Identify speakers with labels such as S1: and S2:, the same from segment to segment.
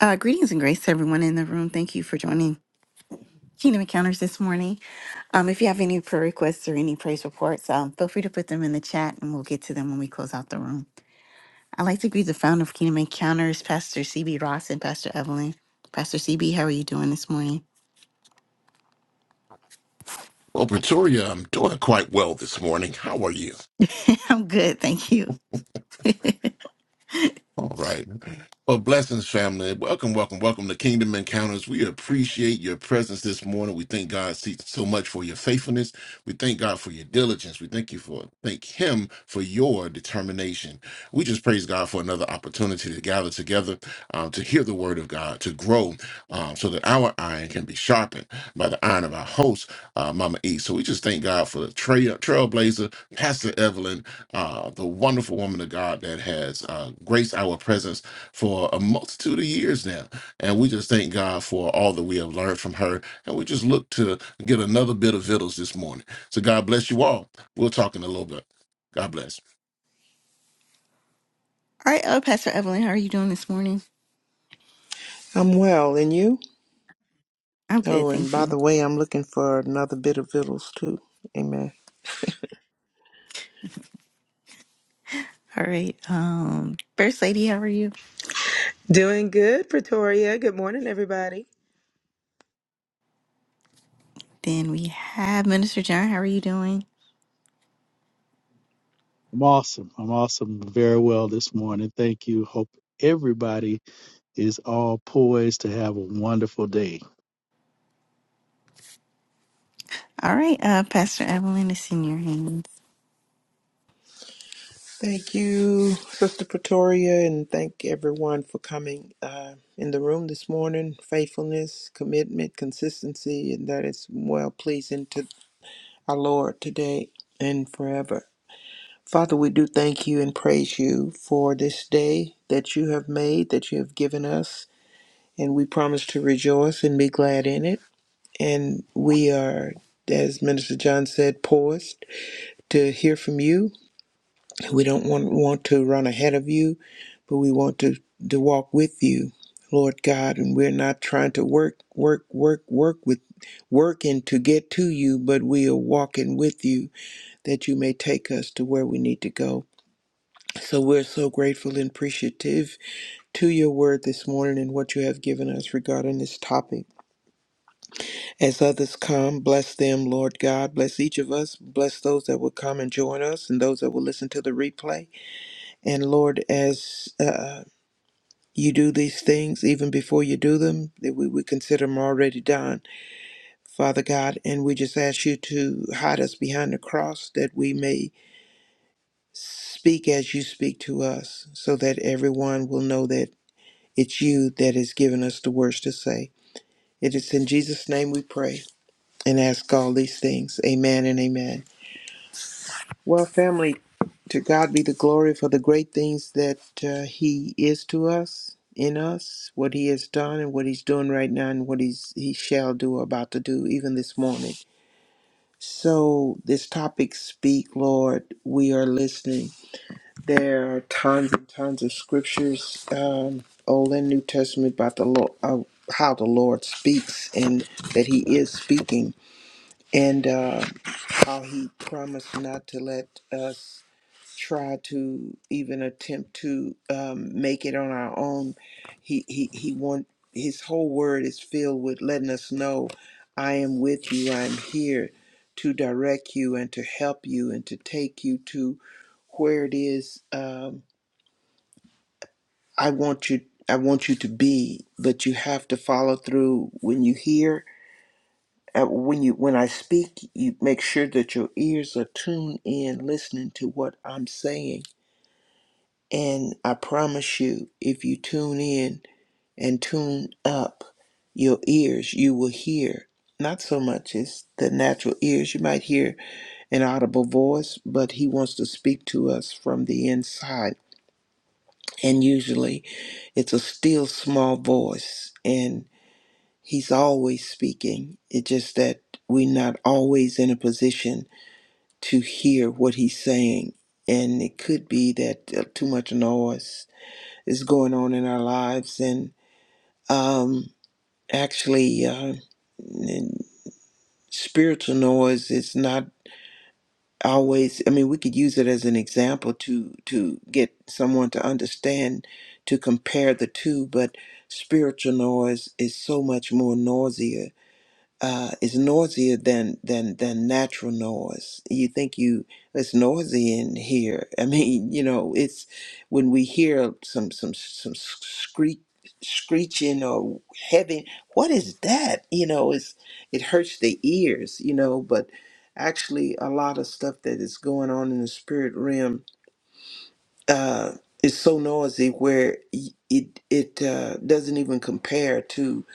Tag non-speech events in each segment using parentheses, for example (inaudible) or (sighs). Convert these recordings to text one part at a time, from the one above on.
S1: Uh, greetings and grace to everyone in the room. Thank you for joining Kingdom Encounters this morning. Um, if you have any prayer requests or any praise reports, um, feel free to put them in the chat and we'll get to them when we close out the room. I'd like to greet the founder of Kingdom Encounters, Pastor CB Ross and Pastor Evelyn. Pastor CB, how are you doing this morning?
S2: Well, Pretoria, I'm doing quite well this morning. How are you?
S1: (laughs) I'm good, thank you.
S2: All right. Well, blessings, family. Welcome, welcome, welcome to Kingdom Encounters. We appreciate your presence this morning. We thank God so much for your faithfulness. We thank God for your diligence. We thank you for thank Him for your determination. We just praise God for another opportunity to gather together um, to hear the Word of God, to grow, um, so that our iron can be sharpened by the iron of our host, uh, Mama E. So we just thank God for the trail, trailblazer, Pastor Evelyn, uh, the wonderful woman of God that has uh, graced our presence for a multitude of years now. And we just thank God for all that we have learned from her. And we just look to get another bit of victuals this morning. So God bless you all. We'll talk in a little bit. God bless.
S1: All right, uh, Pastor Evelyn, how are you doing this morning?
S3: I'm well, and you?
S1: I'm good,
S3: Oh, and
S1: thank
S3: by
S1: you.
S3: the way, I'm looking for another bit of victuals too. Amen.
S1: All right, um, First Lady, how are you?
S4: Doing good, Pretoria. Good morning, everybody.
S1: Then we have Minister John, how are you doing?
S5: I'm awesome. I'm awesome very well this morning. Thank you. Hope everybody is all poised to have a wonderful day.
S1: All right, uh, Pastor Evelyn, it's in your hands.
S3: Thank you, Sister Pretoria, and thank everyone for coming uh, in the room this morning. Faithfulness, commitment, consistency, and that is well pleasing to our Lord today and forever. Father, we do thank you and praise you for this day that you have made, that you have given us, and we promise to rejoice and be glad in it. and we are, as Minister John said, poised to hear from you. We don't want, want to run ahead of you, but we want to, to walk with you, Lord God. And we're not trying to work, work, work, work with working to get to you, but we are walking with you that you may take us to where we need to go. So we're so grateful and appreciative to your word this morning and what you have given us regarding this topic. As others come, bless them, Lord God. Bless each of us. Bless those that will come and join us and those that will listen to the replay. And Lord, as uh, you do these things, even before you do them, that we would consider them already done, Father God. And we just ask you to hide us behind the cross that we may speak as you speak to us, so that everyone will know that it's you that has given us the words to say. It is in Jesus' name we pray and ask all these things. Amen and amen. Well, family, to God be the glory for the great things that uh, He is to us, in us, what He has done, and what He's doing right now, and what He's He shall do, about to do, even this morning. So, this topic, speak, Lord, we are listening. There are tons and tons of scriptures, um, Old and New Testament, about the Lord, uh, how the Lord speaks, and that He is speaking, and uh, how He promised not to let us try to even attempt to um, make it on our own. He he he want his whole word is filled with letting us know, I am with you. I am here to direct you and to help you and to take you to where it is um, I want you. I want you to be, but you have to follow through when you hear. Uh, when you when I speak, you make sure that your ears are tuned in, listening to what I'm saying And I promise you, if you tune in and tune up your ears, you will hear not so much as the natural ears. You might hear an audible voice, but he wants to speak to us from the inside. And usually it's a still small voice, and he's always speaking. It's just that we're not always in a position to hear what he's saying. And it could be that uh, too much noise is going on in our lives and um, actually uh, and spiritual noise is not always i mean we could use it as an example to to get someone to understand to compare the two but spiritual noise is so much more noisier uh, is noisier than than than natural noise. You think you it's noisy in here. (laughs) I mean, you know, it's when we hear some some some screech screeching or heavy. What is that? You know, it's it hurts the ears. You know, but actually, a lot of stuff that is going on in the spirit realm uh, is so noisy where y- it it uh, doesn't even compare to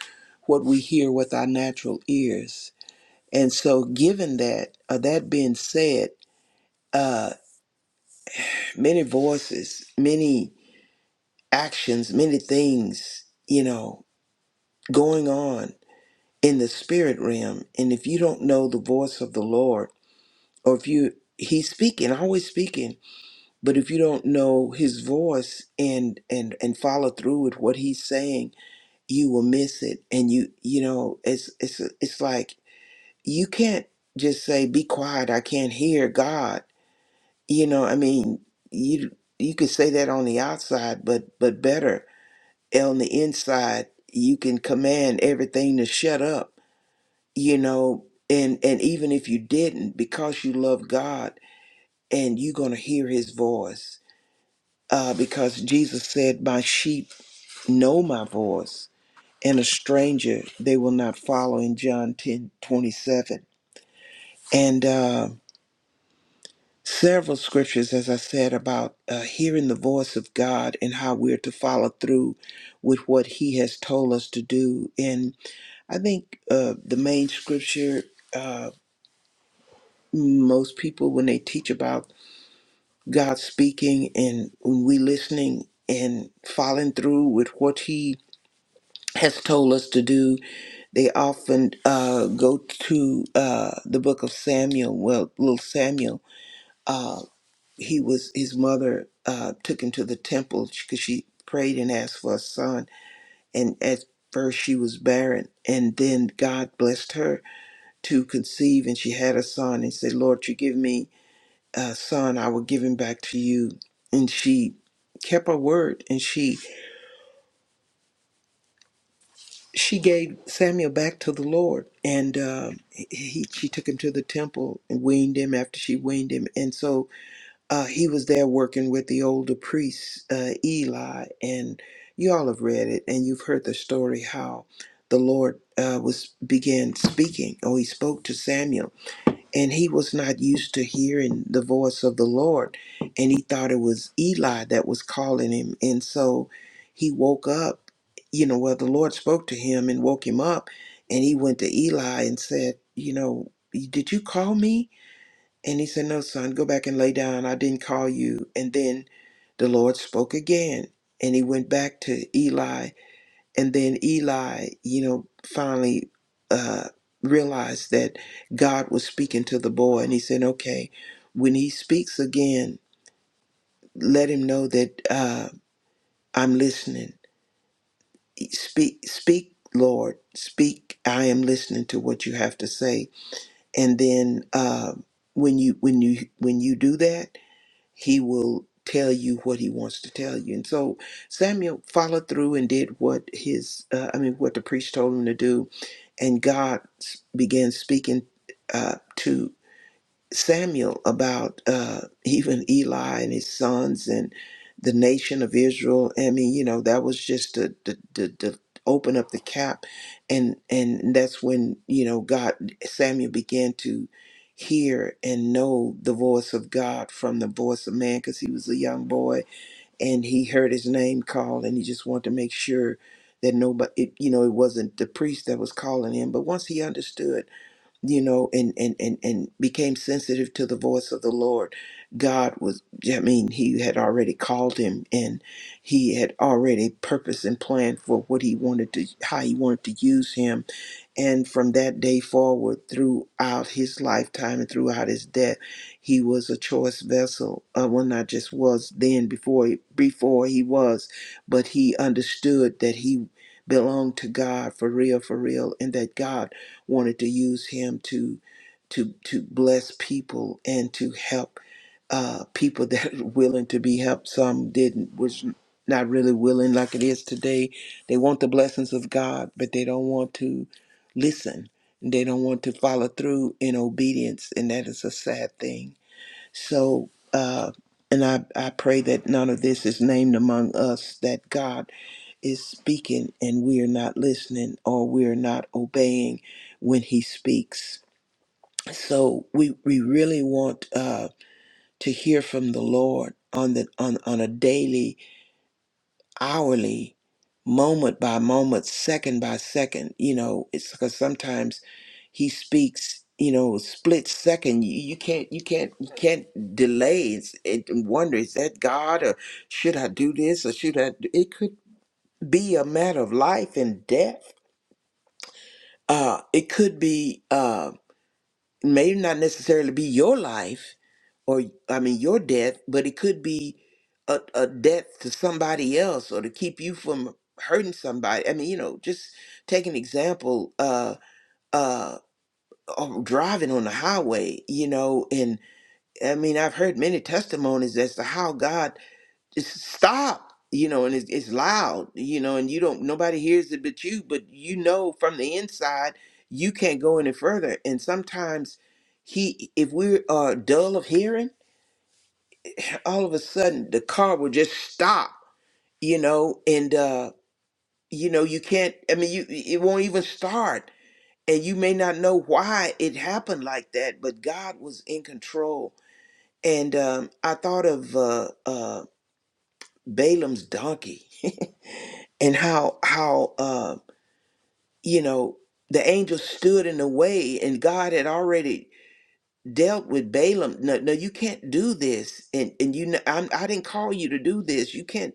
S3: what we hear with our natural ears and so, given that, uh, that being said, uh, many voices, many actions, many things, you know, going on in the spirit realm. And if you don't know the voice of the Lord, or if you He's speaking, always speaking, but if you don't know His voice and and and follow through with what He's saying, you will miss it. And you you know, it's it's it's like you can't just say, "Be quiet, I can't hear God." You know, I mean, you you could say that on the outside, but but better on the inside, you can command everything to shut up. You know, and and even if you didn't, because you love God, and you're gonna hear His voice, uh, because Jesus said, "My sheep know my voice, and a stranger they will not follow." In John ten twenty seven, and. Uh, several scriptures, as I said, about uh, hearing the voice of God and how we're to follow through with what He has told us to do. And I think uh, the main scripture, uh, most people, when they teach about God speaking and when we listening and following through with what He has told us to do, they often uh, go to uh, the book of Samuel, well, little Samuel. uh, he was his mother uh, took him to the temple because she prayed and asked for a son and at first she was barren and then god blessed her to conceive and she had a son and said lord you give me a son i will give him back to you and she kept her word and she she gave samuel back to the lord and uh, he he- she took him to the temple and weaned him after she weaned him and so uh, he was there working with the older priest, uh, Eli, and you all have read it and you've heard the story how the Lord uh, was began speaking, or he spoke to Samuel, and he was not used to hearing the voice of the Lord, and he thought it was Eli that was calling him, and so he woke up, you know, well the Lord spoke to him and woke him up, and he went to Eli and said, you know, did you call me? And he said, No, son, go back and lay down. I didn't call you. And then the Lord spoke again. And he went back to Eli. And then Eli, you know, finally uh, realized that God was speaking to the boy. And he said, Okay, when he speaks again, let him know that uh, I'm listening. Speak, speak, Lord, speak. I am listening to what you have to say. And then uh, when you when you when you do that, he will tell you what he wants to tell you. And so Samuel followed through and did what his, uh, I mean, what the priest told him to do. And God s- began speaking uh, to Samuel about uh, even Eli and his sons and the nation of Israel. I mean, you know, that was just to, to, to, to open up the cap, and and that's when you know God Samuel began to hear and know the voice of God from the voice of man because he was a young boy and he heard his name called and he just wanted to make sure that nobody it, you know it wasn't the priest that was calling him but once he understood you know, and and and and became sensitive to the voice of the Lord. God was, I mean, He had already called him, and He had already purpose and plan for what He wanted to, how He wanted to use him and from that day forward, throughout his lifetime and throughout his death, he was a choice vessel. Uh, well, not just was then before he- before he was, but he understood that he belonged to God for real, for real, and that God wanted to use him to to to bless people and to help uh, people that (laughs) are willing to be helped. Some didn't, was not really willing like it is today. They want the blessings of God, but they don't want to listen. They don't want to follow through in obedience, and that is a sad thing. So, uh, and I, I pray that none of this is named among us, that God is speaking and we are not listening or we are not obeying when He speaks. So we, we really want uh, to hear from the Lord on the on, on a daily hourly, moment by moment, second by second. You know, it's because sometimes he speaks. You know, split second. You, you can't. You can't. You can't delay. It's, it and wonder is that God or should I do this or should I? Do? It could be a matter of life and death. Uh, it could be. uh, may not necessarily be your life or I mean your death, but it could be a, a death to somebody else or to keep you from hurting somebody. I mean, you know, just take an example, uh uh of driving on the highway, you know, and I mean I've heard many testimonies as to how God just stop you know and it's, it's loud you know and you don't nobody hears it but you but you know from the inside you can't go any further and sometimes he if we are dull of hearing all of a sudden the car will just stop you know and uh you know you can't i mean you it won't even start and you may not know why it happened like that but god was in control and um i thought of uh uh balaam's donkey (laughs) and how how um you know the angel stood in the way and God had already dealt with Balaam no no you can't do this and and you know I'm, I didn't call you to do this you can't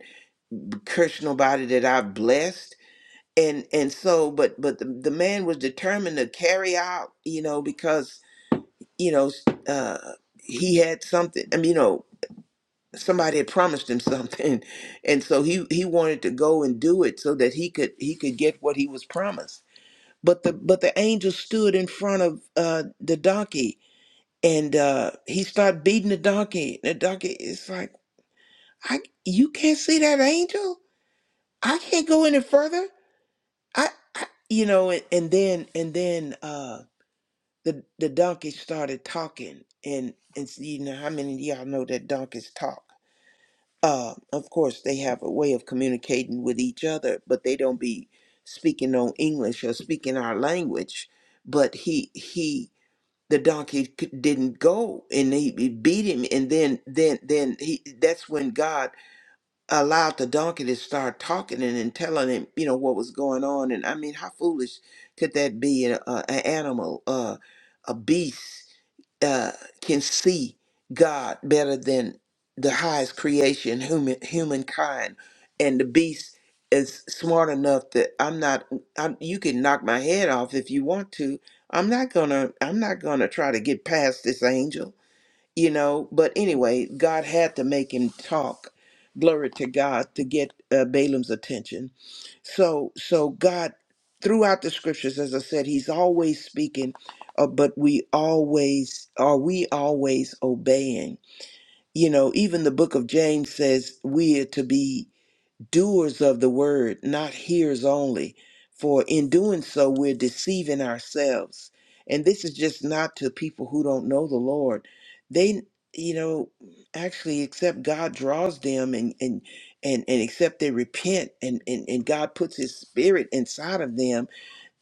S3: curse nobody that I've blessed and and so but but the, the man was determined to carry out you know because you know uh he had something I mean you know somebody had promised him (laughs) something and so he he wanted to go and do it so that he could he could get what he was promised but the but the angel stood in front of uh the donkey and uh he started beating the donkey the donkey is like i you can't see that angel i can't go any further i, I you know and, and then and then uh the the donkey started talking and and s- you know how many of y'all know that donkeys talk uh of course they have a way of communicating with each other but they don't be speaking on english or speaking our language but he he the donkey c- didn't go and he, he beat him and then then then he that's when god allowed the donkey to start talking and, and telling him you know what was going on and i mean how foolish could that be an, uh, an animal uh, a beast uh, can see God better than the highest creation, human humankind, and the beast is smart enough that I'm not. I'm, you can knock my head off if you want to. I'm not gonna. I'm not gonna try to get past this angel you know. But anyway, God had to make him talk. Glory to God to get uh, Balaam's attention. So, so God, throughout the scriptures, as I said, He's always speaking, uh, but we always are we always obeying. You know, even the book of James says we are to be doers of the word, not hearers only. For in doing so, we're deceiving ourselves. And this is just not to people who don't know the Lord. They, you know, actually, except God draws them and, and, and, and except they repent and, and, and God puts his spirit inside of them,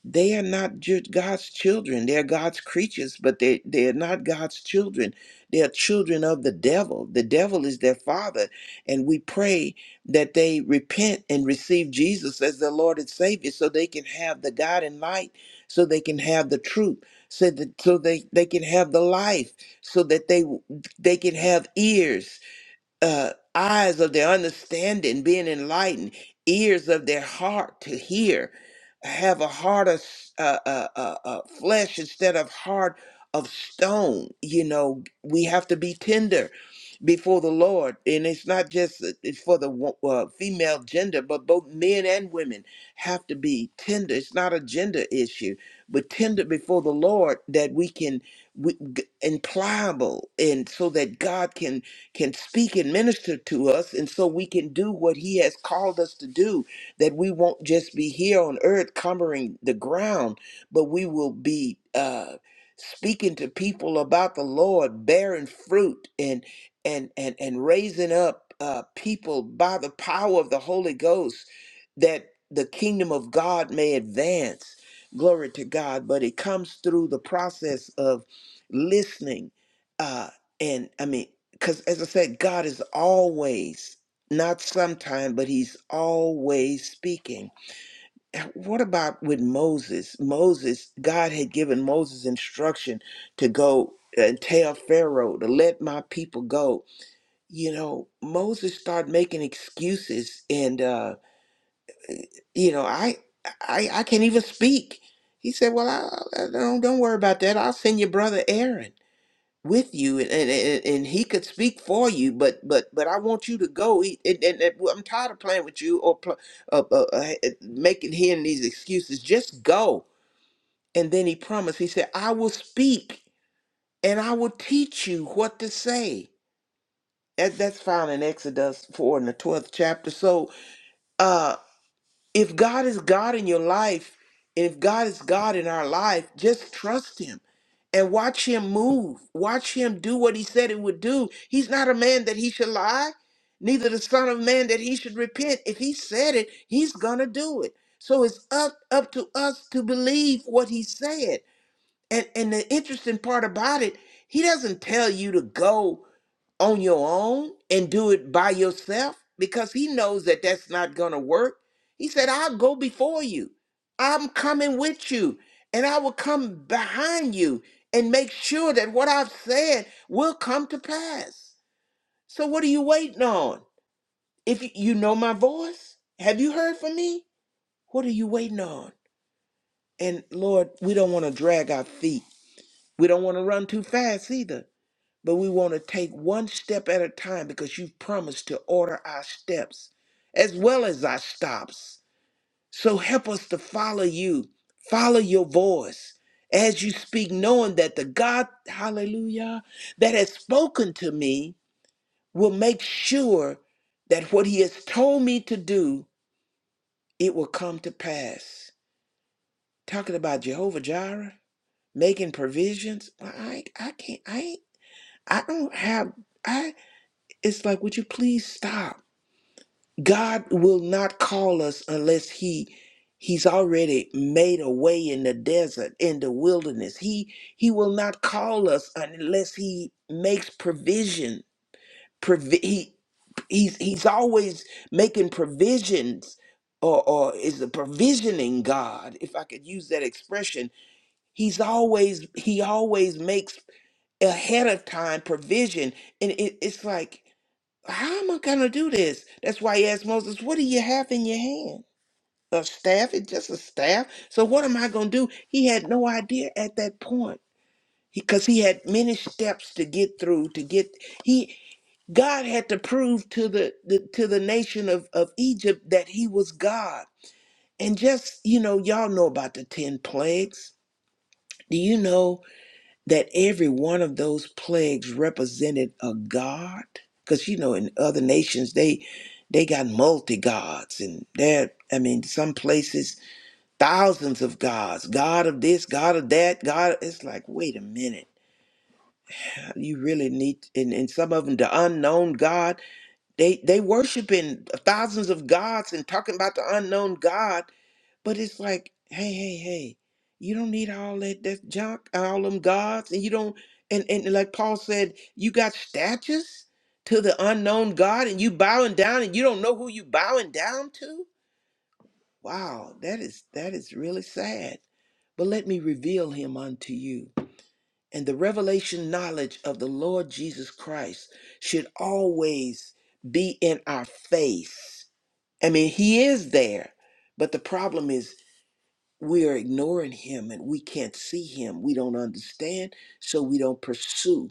S3: they are not ju- God's children. They're God's creatures, but they, they are not God's children. They are children of the devil. The devil is their father. And we pray that they repent and receive Jesus as their Lord and Savior so they can have the God and light, so they can have the truth, so that so they, they can have the life, so that they they can have ears uh, eyes of their understanding being enlightened, ears of their heart to hear, have a heart of s- uh, uh, uh, uh, flesh instead of heart of stone. You know, we have to be tender before the Lord, and it's not just it's for the wo- uh, female gender, but both men and women have to be tender. It's not a gender issue, but tender before the Lord that we can we, g- and pliable, and so that God can can speak and minister to us, and so we can do what He has called us to do, that we won't just be here on earth cumbering the ground, but we will be uh, speaking to people about the Lord, bearing fruit and and and and raising up uh, people by the power of the Holy Ghost, that the kingdom of God may advance. Glory to God, but it comes through the process of listening. Uh, and I mean because as I said, God is always, not sometime, but he's always speaking. And What about with Moses? Moses, God had given Moses instruction to go and tell Pharaoh to let my people go. You know, Moses started making excuses and uh, you know, I I I can't even speak. He said, "Well, I, I don't don't worry about that. I'll send your brother Aaron." with you and, and and and he could speak for you but but but I want you to go He- and, and, and well, I'm tired of playing with you or pl- uh, uh, uh, making hearing these excuses just go and then he promised he said I will speak and I will teach you what to say and that's found in Exodus 4 in the 12th chapter so uh, if God is God in your life, and if God is God in our life, just trust Him and watch Him move. Watch Him do what He said He would do. He's not a man that He should lie, neither the Son of Man that He should repent. If He said it, He's gonna do it. So it's up up to us to believe what He said. And and the interesting part about it, He doesn't tell you to go on your own and do it by yourself because he knows that that's not going to work. He said, I'll go before you. I'm coming with you and I will come behind you and make sure that what I've said will come to pass. So, what are you waiting on? If you you know my voice, have you heard from me? What are you waiting on? And Lord, we don't want to drag our feet. We don't want to run too fast either but we want to take one step at a time because you've promised to order our steps as well as our stops. So help us to follow you, follow your voice as you speak, knowing that the God, hallelujah, that has spoken to me will make sure that what he has told me to do, it will come to pass. Talking about Jehovah Jireh, making provisions. I, I can't, I, I don't have. I. it's like would you please stop god will not call us unless he he's already made a way in the desert in the wilderness he he will not call us unless he makes provision Provi- he he's he's always making provisions or or is a provisioning god if i could use that expression he's always he always makes ahead of time provision and it, it's like how am I gonna do this? That's why he asked Moses, What do you have in your hand? A staff? It's just a staff. So what am I gonna do? He had no idea at that point. Because he, 'cause he had many steps to get through to get he God had to prove to the, the to the nation of, of Egypt that he was God. And just, you know, y'all know about the ten plagues. Do you know that every one of those plagues represented a god because you know in other nations they they got multi gods and there i mean some places thousands of gods god of this god of that god it's like wait a minute you really need and, and some of them the unknown god they they worshiping thousands of gods and talking about the unknown god but it's like, hey, hey, hey, you don't need all that that junk, all them gods, and you don't and and like Paul said, you got statues to the unknown God and you bowing down and you don't know who you bowing down to? Wow, that is that is really sad. But let me reveal him unto you. And the revelation knowledge of the Lord Jesus Christ should always be in our face. I mean, he is there. But the problem is we are ignoring him and we can't see him. We don't understand, so we don't pursue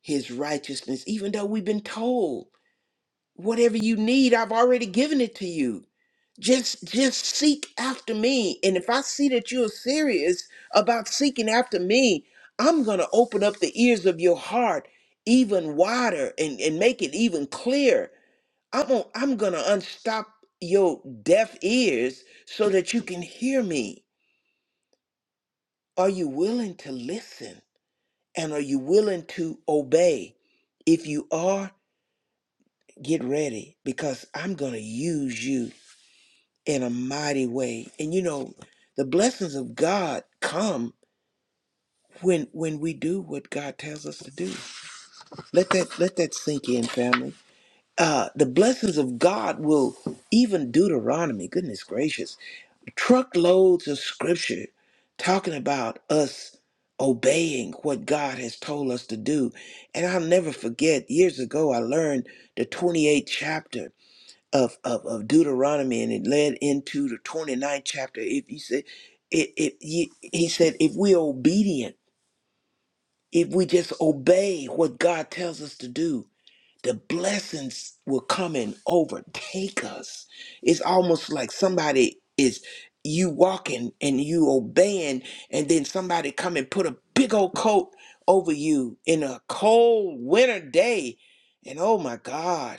S3: his righteousness, even though we've been told, whatever you need, I've already given it to you. Just just seek after me. And if I see that you're serious about seeking after me, I'm gonna open up the ears of your heart even wider and, and make it even clearer. I'm gonna, I'm gonna unstop your deaf ears so that you can hear me Are you willing to listen? And are you willing to obey? If you are, get ready because I'm going to use you in a mighty way. And you know, the blessings of God come when when we do what God tells us to do. Let that let that sink in, family. Uh, the blessings of God will even Deuteronomy, goodness gracious. truckloads of scripture talking about us obeying what God has told us to do. And I'll never forget, years ago, I learned the 28th chapter of, of, of Deuteronomy and it led into the twenty-ninth chapter. If you said, it, it, he he said, if we're obedient, if we just obey what God tells us to do, the blessings will come and overtake us. It's almost like somebody is you walking and you obeying, and then somebody come and put a big old coat over you in a cold winter day, and oh my God.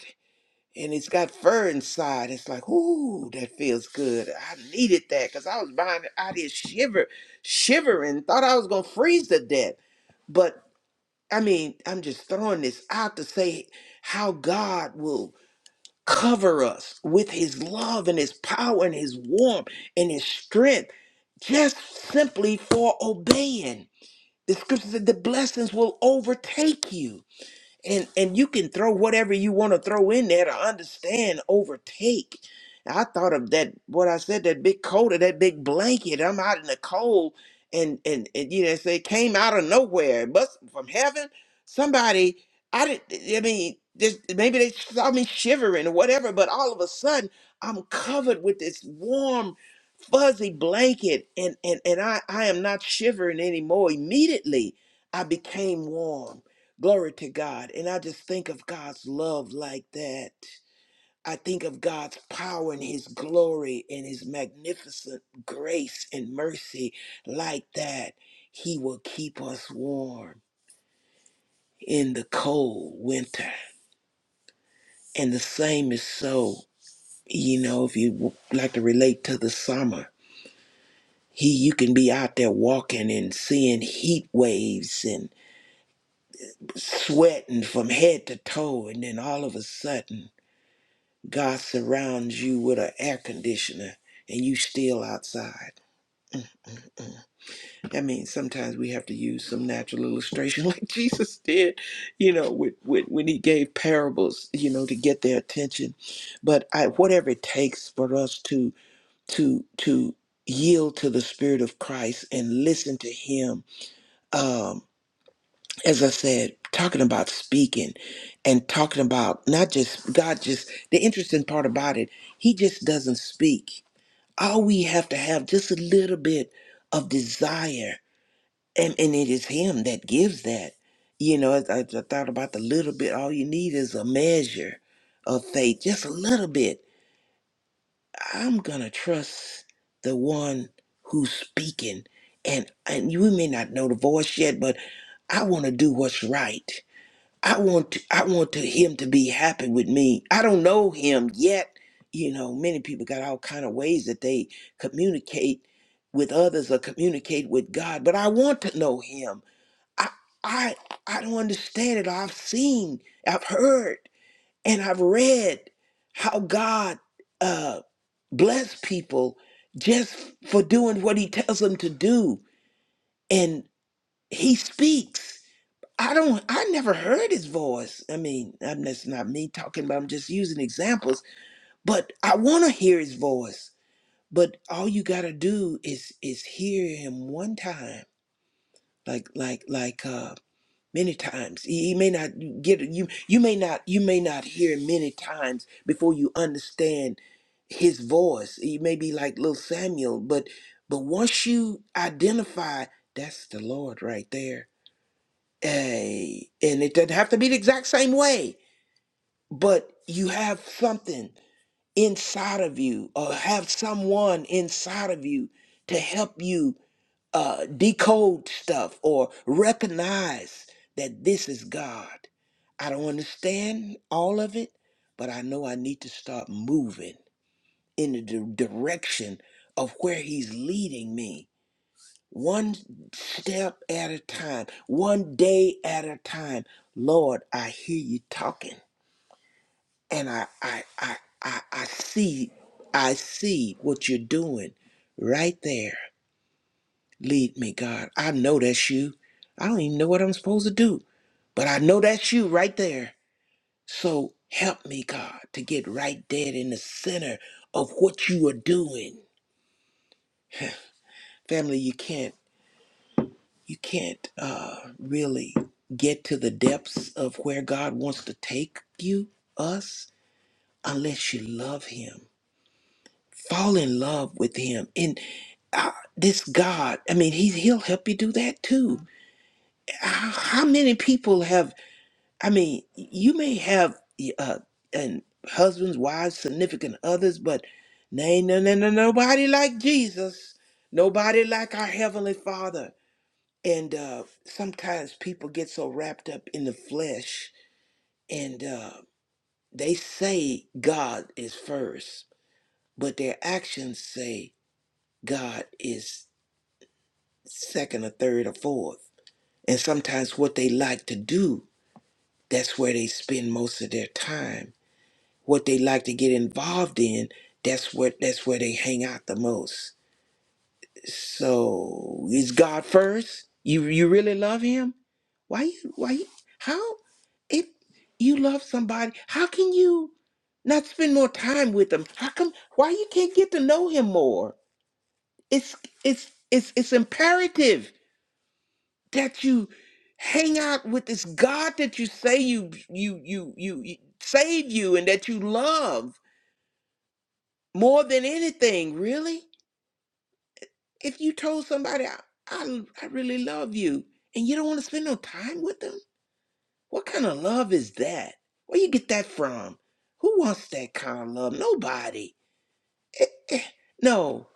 S3: And it's got fur inside. It's like, ooh, that feels good. I needed that because I was behind out here shiver, shivering, thought I was gonna freeze to death. but. I mean, I'm just throwing this out to say how God will cover us with his love and his power and his warmth and his strength just simply for obeying. The scripture said the blessings will overtake you and and you can throw whatever you want to throw in there to understand overtake i thought of that what i said that big coat or that big blanket i'm out in the cold and and, and you know say it came out of nowhere it must from heaven somebody i didn't i mean just, maybe they saw me shivering or whatever but all of a sudden i'm covered with this warm fuzzy blanket and and and I I am not shivering anymore immediately I became warm glory to God and I just think of God's love like that I think of God's power and his glory and his magnificent grace and mercy like that he will keep us warm in the cold winter and the same is so you know if you w- like to relate to the summer He, you can be out there walking and seeing heat waves and sweating from head to toe, and then all of a sudden, God surrounds you with an air conditioner, and you still outside. Mm. I mean, sometimes we have to use some natural illustration, (laughs) like Jesus did, you know, with, with when he gave parables, you know, to get their attention. But I, whatever it takes for us to to to yield to the Spirit of Christ and listen to Him, um, as I said, talking about speaking and talking about not just God, just the interesting part about it, He just doesn't speak. All we have to have just a little bit of desire, and, and it is Him that gives that. You know, I, I thought about the little bit, all you need is a measure of faith, just a little bit. I'm going to trust the one who's speaking. And, and we may not know the voice yet, but I want to do what's right. I want to, I want to him to be happy with me. I don't know him yet. You know, many people got all kind of ways that they communicate with others or communicate with God, but I want to know him. I I I don't understand it. I've seen, I've heard, and I've read how God uh bless people just for doing what he tells them to do and he speaks I don't, I never heard his voice. I mean, I'm, that's not me talking, but I'm just using examples. But I want to hear his voice. But all you gotta do is is hear him one time, like like like uh, many times. He, he may not get you. You may not. You may not hear him many times before you understand his voice. He may be like little Samuel, but but once you identify, that's the Lord right there Eh, and it doesn't have to be the exact same way, but you have something inside of you, or have someone inside of you to help you uh, decode stuff or recognize that this is God. I don't understand all of it, but I know I need to start moving in the di- direction of where He's leading me one step at a time, one day at a time. Lord, I hear you talking, and I I I I, I see I see what you're doing right there. Lead me, God. I know that's you. I don't even know what I'm supposed to do, but I know that's you right there. So help me, God, to get right dead in the center of what you are doing. Family, you can't. you can't uh, really get to the depths of where God wants to take you, us, unless you love Him. Fall in love with Him. And uh, this God, I mean, he, He'll help you do that too. How, how many people have, I mean, you may have uh, and husbands, wives, significant others, but nay, no, no, no, nobody like Jesus. Nobody like our Heavenly Father. And uh, sometimes people get so wrapped up in the flesh and uh, they say God is first, but their actions say God is second or third or fourth. And sometimes what they like to do, that's where they spend most of their time. What they like to get involved in, that's what that's where they hang out the most. So is God first? You you really love him? Why you why you, how if you love somebody, how can you not spend more time with them? How come why you can't get to know him more? It's it's it's it's imperative that you hang out with this God that you say you you you you, you save you and that you love more than anything, really? If you told somebody, I, I, I really love you, and you don't want to spend no time with them, what kind of love is that? Where you get that from? Who wants that kind of love? Nobody. No,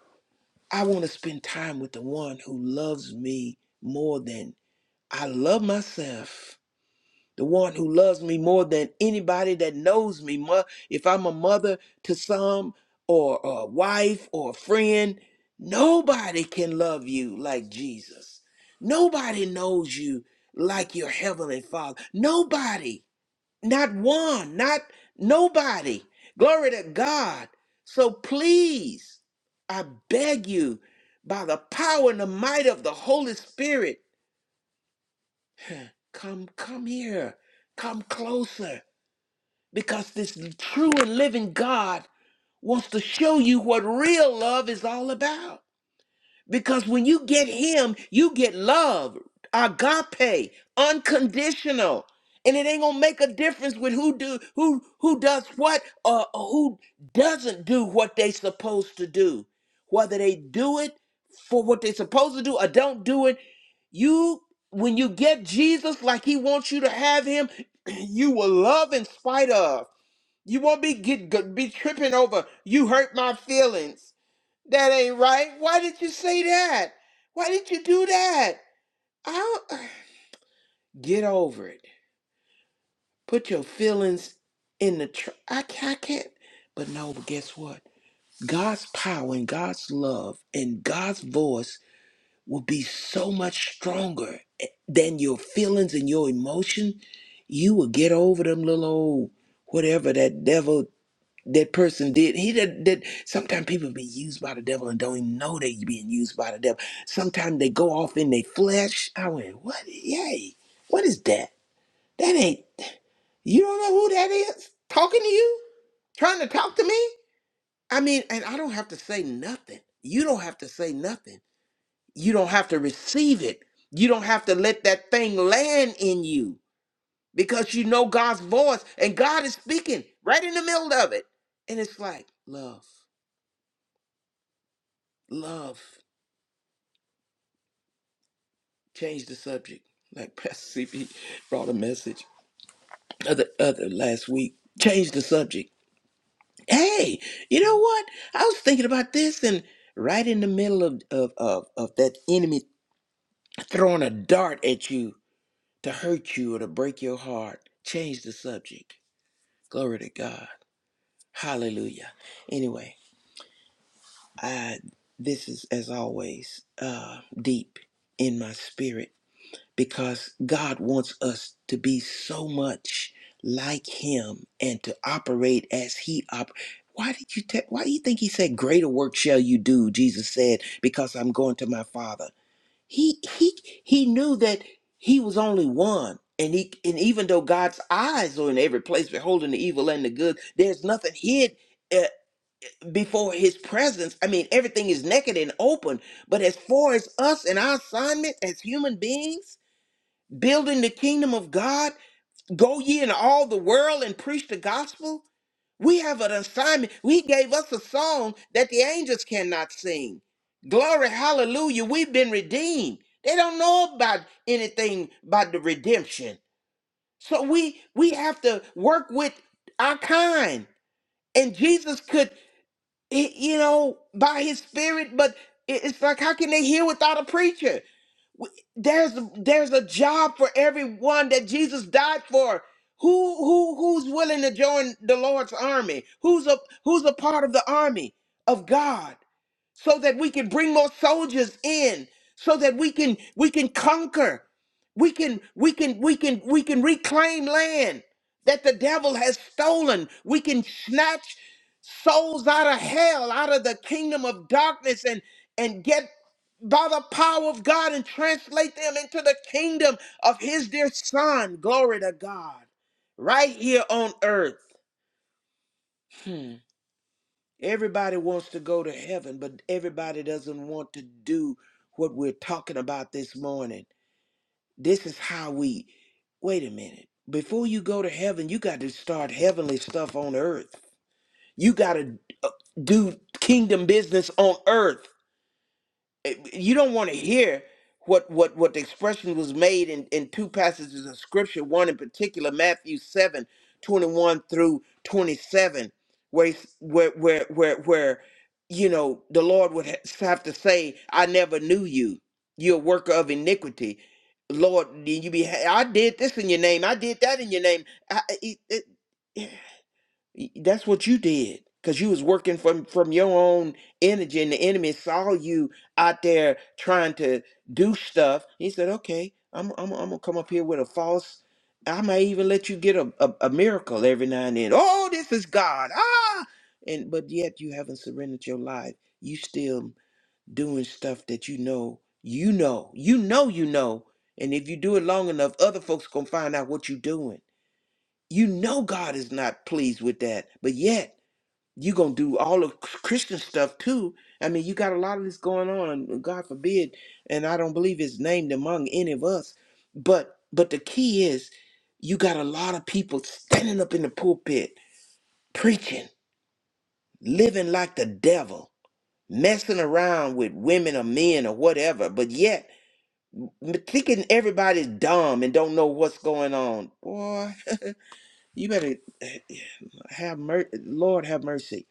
S3: I want to spend time with the one who loves me more than I love myself. the one who loves me more than anybody that knows me. If I'm a mother to some, or a wife, or a friend, nobody can love you like Jesus. Nobody knows you like your heavenly Father. Nobody, not one, not nobody. Glory to God. So please, I beg you, by the power and the might of the Holy Spirit, come, come here, come closer because this true and living God wants to show you what real love is all about. Because when you get Him, you get love, agape, unconditional, and it ain't gonna make a difference with who do who who does what or who doesn't do what they supposed to do. Whether they do it for what they supposed to do or don't do it, you when you get Jesus like He wants you to have Him, (clears throat) you will love in spite of. You won't be get go- be tripping over. You hurt my feelings. That ain't right. Why did you say that? Why did you do that? I'll (sighs) get over it. Put your feelings in the. Tr- I ca- I can't. But no. But guess what? God's power and God's love and God's voice will be so much stronger eh, than your feelings and your emotion. You will get over them little old whatever that devil that person did. He did that. Sometimes people be used by the devil and don't even know they being used by the devil. Sometimes they go off in their flesh. I went, what? Yay! What is that? That ain't. You don't know who that is talking to you, trying to talk to me. I mean, and I don't have to say nothing. You don't have to say nothing. You don't have to receive it. You don't have to let that thing land in you because you know God's voice and God is speaking right in the middle of it. And it's like love. love change the subject like (laughs) pastor cp brought a message other other last week change the subject hey you know what i was thinking about this and right in the middle of of of, of that enemy throwing a dart at you to hurt you or to break your heart change the subject glory to god hallelujah anyway i this is as always uh deep in my spirit because God wants us to be so much like Him and to operate as He operates. Why did you te- Why do you think He said, "Greater work shall you do"? Jesus said, "Because I'm going to my Father." He he he knew that he was only one. And, he, and even though God's eyes are in every place, beholding the evil and the good, there's nothing hid uh, before His presence. I mean, everything is naked and open. But as far as us and our assignment as human beings, building the kingdom of God, go ye in all the world and preach the gospel. We have an assignment. He gave us a song that the angels cannot sing. Glory, hallelujah. We've been redeemed. They don't know about anything about the redemption. So we we have to work with our kind. And Jesus could, eh, you know, by his spirit, but it- it's like, how can they hear without a preacher? We- There's there's a job for everyone that Jesus died for. Who who who's willing to join the Lord's army? Who's a who's a part of the army of God? so that we can bring more soldiers in so that we can we can conquer we can we can we can we can reclaim land that the devil has stolen we can snatch souls out of hell out of the kingdom of darkness and and get by the power of God and translate them into the kingdom of his dear son glory to God right here on earth Hmm. Everybody wants to go to heaven, but everybody doesn't want to do what we're talking about this morning. This is how we wait a minute. Before you go to heaven, you got to start heavenly stuff on earth. You got to do kingdom business on earth you don't want to hear what what what the expression was made in in two passages of scripture one in particular matthew 7 21 through 27 where he's- where where where, where you know the lord would ha- have to say i never knew you you're a worker of iniquity lord did you be i did this in your name i did that in your name I, it, it- Y- That's what you did because you was working from from your own energy, and the enemy saw you out there trying to do stuff. He said, "Okay, I'm I'm, I'm gonna come up here with a false. I might even let you get a, a, a miracle every now and then. Oh, this is God. Ah, and but yet you haven't surrendered your life. You still doing stuff that you know, you know, you know, you know. And if you do it long enough, other folks gonna find out what you're doing you know God is not pleased with that, but yet you're going to do all the Christian stuff too. I mean, you got a lot of this going on, and God forbid, and I don't believe it's named among any of us. But but the key is you got a lot of people standing up in the pulpit preaching, living like the devil, messing around with women or men or whatever, but yet m- thinking everybody's dumb and don't know what's going on. Boy, You better eh, have mercy. Lord, have mercy.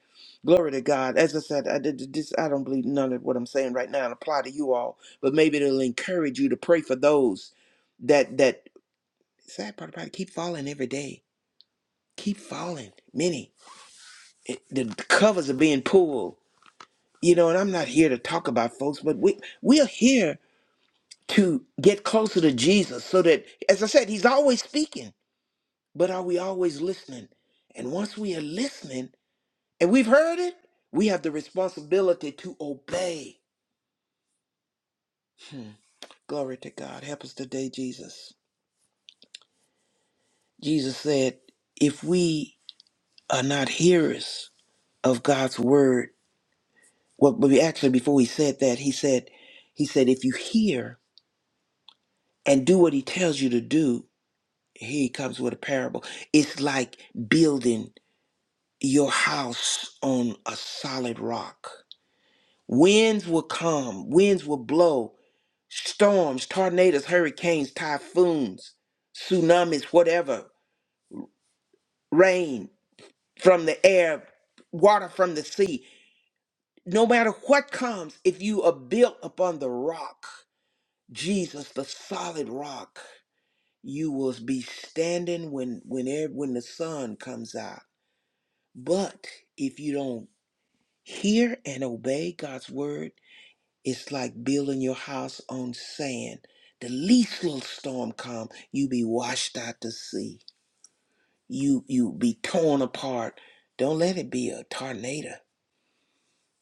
S3: Glory to God. As I said, I did this. I don't believe none of what I'm saying right now and apply to you all, but maybe it'll encourage you to pray for those that that sad part about it. Keep falling every day. Keep falling. Many it, the covers are being pulled. You know, and I'm not here to talk about folks, but we we're here to get closer to Jesus, so that as I said, He's always speaking. But are we always listening? And once we are listening and we've heard it. We have the responsibility to obey. Hmm. Glory to God. Help us today, Jesus. Jesus said, if we are not hearers of God's word, well, but we- actually, before he said that, he said, he said, if you hear and do what he tells you to do, here he comes with a parable. It's like building your house on a solid rock. Winds will come, winds will blow, Storms, tornadoes, hurricanes, typhoons, tsunamis, whatever, rain from the air, water from the sea. No matter what comes, if you are built upon the rock, Jesus, the solid rock, you will be standing when when ev- when the sun comes out. But if you don't hear and obey God's word, It's like building your house on sand. The least little storm come, you be washed out to sea. You you be torn apart. Don't let it be a tornado.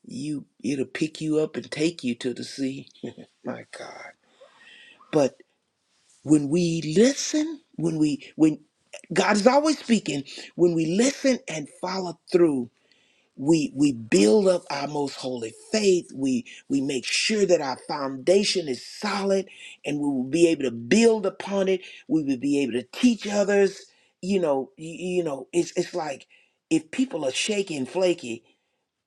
S3: You it'll pick you up and take you to the sea. (laughs) My God. But when we listen, when we when God is always speaking, when we listen and follow through, we we build up our most holy faith we we make sure that our foundation is solid and we will be able to build upon it we will be able to teach others you know you, you know it's it's like if people are shaky and flaky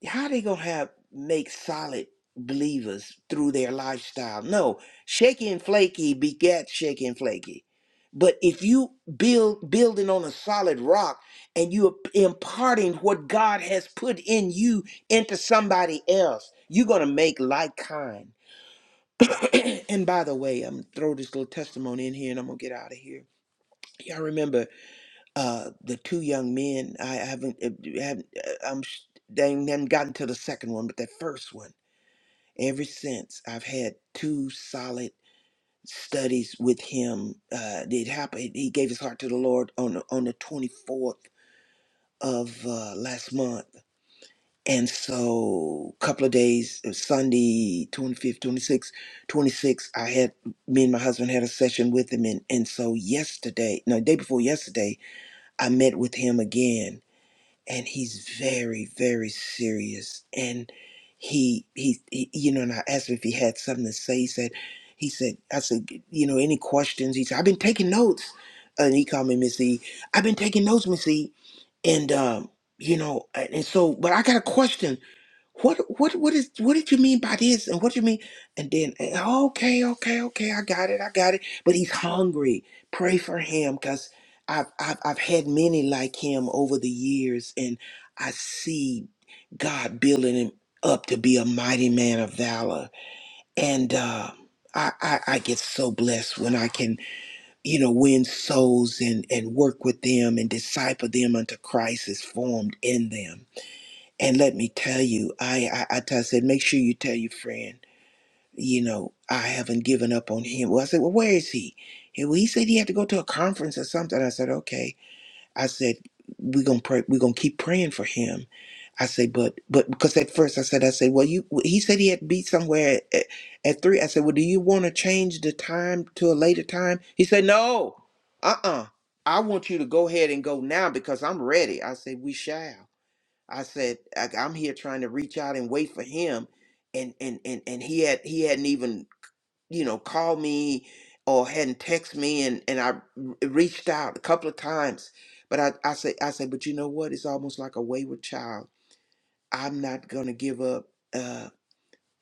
S3: how they gonna have make solid believers through their lifestyle? No, shaky and flaky begat shaky and flaky. But if you build building on a solid rock and you are imparting what God has put in you into somebody else, you're gonna make like kind. (clears throat) and by the way, I'm gonna throw this little testimony in here and I'm gonna get out of here. Y'all remember uh, the two young men? I haven't, I haven't uh, I'm sh- they haven't gotten to the second one, but that first one ever since I've had two solid studies with him. Uh, it happened. He gave his heart to the Lord on the, on the 24th of uh, last month, and so a couple of days, it Sunday, 25th, 26th, 26th, I had me and my husband had a session with him, and and so yesterday, no, day before yesterday, I met with him again and he's very very serious and he he, he you know and i asked him if he had something to say he said he said i said you know any questions he said i've been taking notes and he called me miss e i've been taking notes miss e and um you know and and so but i got a question what what what is what did you mean by this? And what do you mean? And then eh, okay, okay, okay, I got it, I got it. But he's hungry. Pray for him, cause I've I've, I've had many like him over the years, and I see God building him up to be a mighty man of valor. And uh, I, I I get so blessed when I can you know win souls and and work with them and disciple them unto Christ is formed in them and let me tell you, I, I, I, t- I said, make sure you tell your friend, you know, I haven't given up on him. Well, I said, well, where is he? He, well, he said he had to go to a conference or something. I said, okay. I said, we're gonna pray. We're gonna keep praying for him. I said, but but because at first I said, I said, well, you. well, He said he had to be somewhere at, at three. I said, well, do you want to change the time to a later time? He said, no. Uh uh I want you to go ahead and go now because I'm ready. I said, we shall. I said, I, I'm here trying to reach out and wait for him, and and and and he had he hadn't even you know called me or hadn't texted me, and and I r- reached out a couple of times, but I I say I say, but you know what? It's almost like a wayward child. I'm not gonna give up. Uh,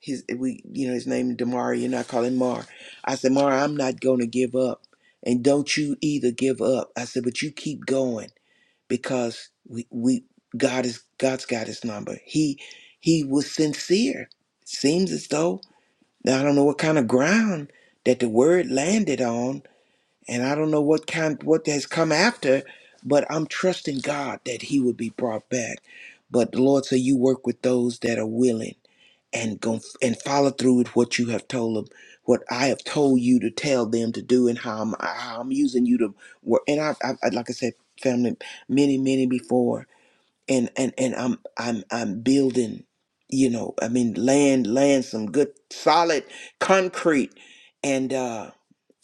S3: his we you know his name is Damari, and I call him Mar. I said, Mar, I'm not gonna give up, and don't you either give up. I said, but you keep going because we, we God is God's got his number. He he was sincere. Seems as though now I don't know what kind of ground that the word landed on, and I don't know what kind what has come after, but I'm trusting God that he would be brought back. But the Lord said, "You work with those that are willing." and go and follow through with what you have told them, what I have told you to tell them to do, and how I'm, how I'm using you to work. And I, I, I like I said, family, many, many before and and and I'm I'm I'm building, you know, I mean land land some good solid concrete and uh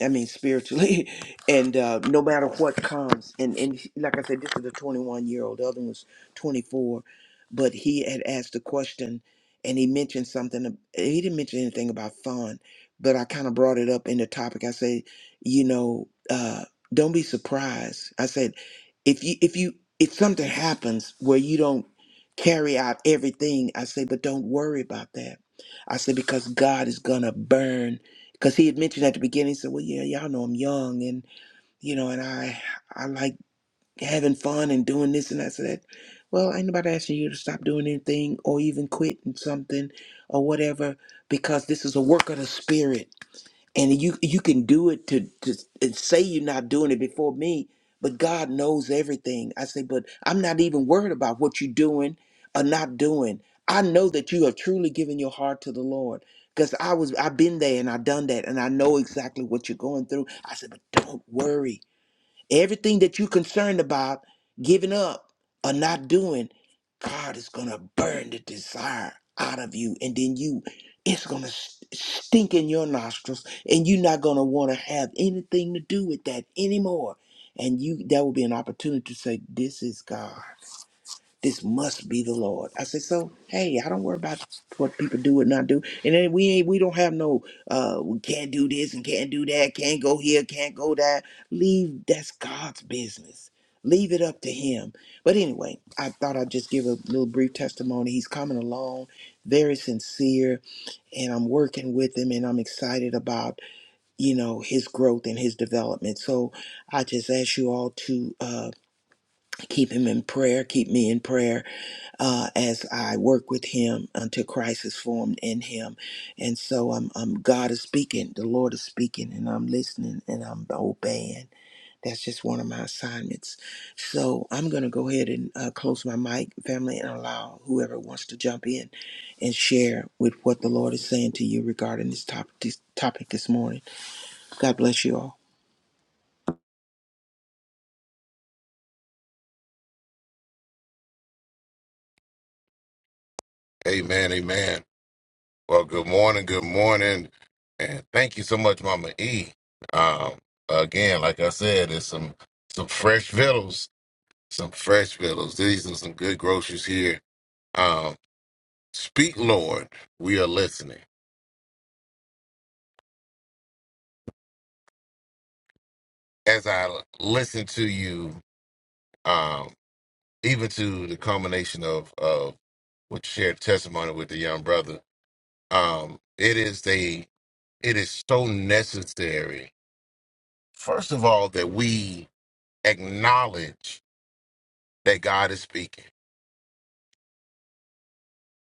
S3: I mean spiritually (laughs) and uh no matter what comes and and like I said this is a 21 year old the other one was 24 but he had asked a question and he mentioned something ab- he didn't mention anything about fun but I kind of brought it up in the topic I say you know uh don't be surprised. I said if you if you if something happens where you don't carry out everything i say but don't worry about that i say because god is gonna burn because he had mentioned at the beginning he said well yeah y'all know i'm young and you know and i i like having fun and doing this and that so that well ain't nobody asking you to stop doing anything or even quitting something or whatever because this is a work of the spirit and you you can do it to to and say you're not doing it before me but god knows everything i say but i'm not even worried about what you're doing or not doing i know that you have truly given your heart to the lord because i was i've been there and i've done that and i know exactly what you're going through i said but don't worry Everything that you're concerned about giving up or not doing, God is going to burn the desire out of you. And then you, it's going to stink in your nostrils and you're not going to want to have anything to do with that anymore. And you, that will be an opportunity to say, this is God. This must be the Lord. I said, so hey, I don't worry about what people do and not do. And then we ain't we don't have no uh we can't do this and can't do that, can't go here, can't go there. Leave that's God's business. Leave it up to him. But anyway, I thought I'd just give a little brief testimony. He's coming along, very sincere, and I'm working with him and I'm excited about, you know, his growth and his development. So I just ask you all to uh keep him in prayer, keep me in prayer uh, as I work with him until Christ is formed in him. And so I'm, I'm God is speaking, the Lord is speaking, and I'm listening and I'm obeying. That's just one of my assignments. So I'm going to go ahead and uh, close my mic, family, and allow whoever wants to jump in and share with what the Lord is saying to you regarding this topic this topic this morning. God bless you all.
S2: Amen, amen. Well, good morning, good morning, and thank you so much, Mama E. Um, again, like I said, it's some some fresh victuals, some fresh victuals. These are some good groceries here. Um, speak, Lord, we are listening. As I listen to you, um, even to the culmination of of what you shared testimony with the young brother. Um, it is a it is so necessary. First of all, that we acknowledge that God is speaking,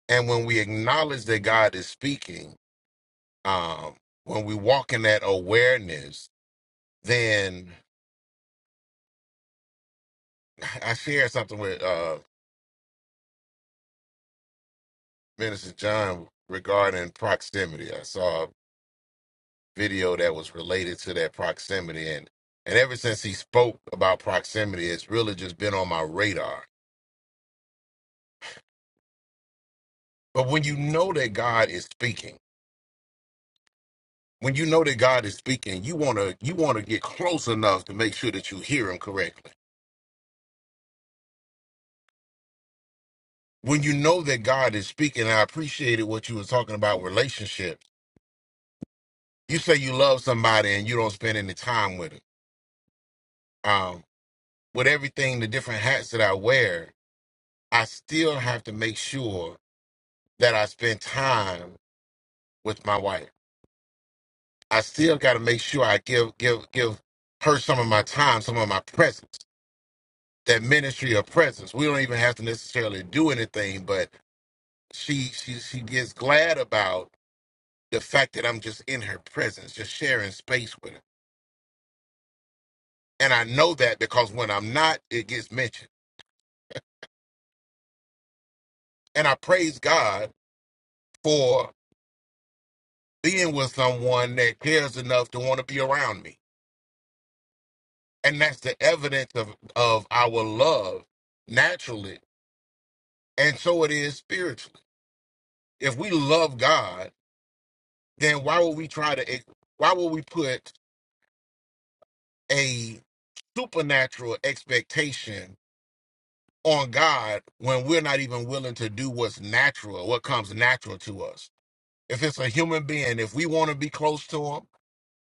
S2: and when we acknowledge that God is speaking, um, when we walk in that awareness, then I shared something with uh, Minister John regarding proximity. I saw video that was related to that proximity and and ever since he spoke about proximity it's really just been on my radar but when you know that god is speaking when you know that god is speaking you want to you want to get close enough to make sure that you hear him correctly when you know that god is speaking i appreciated what you were talking about relationships you say you love somebody and you don't spend any time with it um with everything the different hats that i wear i still have to make sure that i spend time with my wife. I still got to make sure I give give give her some of my time, some of my presence. That ministry of presence. We don't even have to necessarily do anything, but she she she gets glad about the fact that I'm just in her presence, just sharing space with her. And I know that because when I'm not, it gets mentioned. And I praise God for being with someone that cares enough to want to be around me. And that's the evidence of of our love naturally and so it is spiritually If we love God, then why would we try to, ex- why would we put a supernatural expectation on God when we're not even willing to do what's natural, what comes natural to us? If it's a human being, if we want to be close to Him,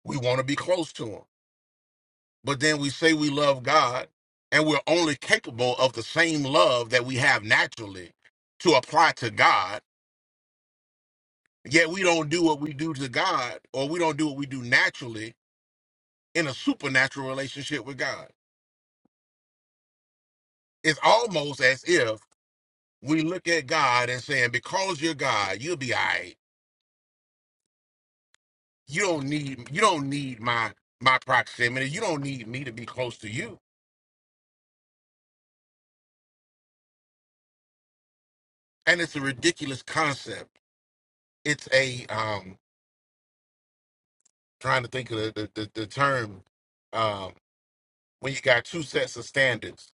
S2: we want to be close to Him. But then we say we love God and we're only capable of the same love that we have naturally to apply to God yet we don't do what we do to God, or we don't do what we do naturally in a supernatural relationship with God. It's almost as if we look at God and saying, "Because you're God, you'll be all right. You don't need you don't need my my proximity. You don't need me to be close to you." And it's a ridiculous concept. It's a um trying to think of the the, the, the term um when you got two sets of standards,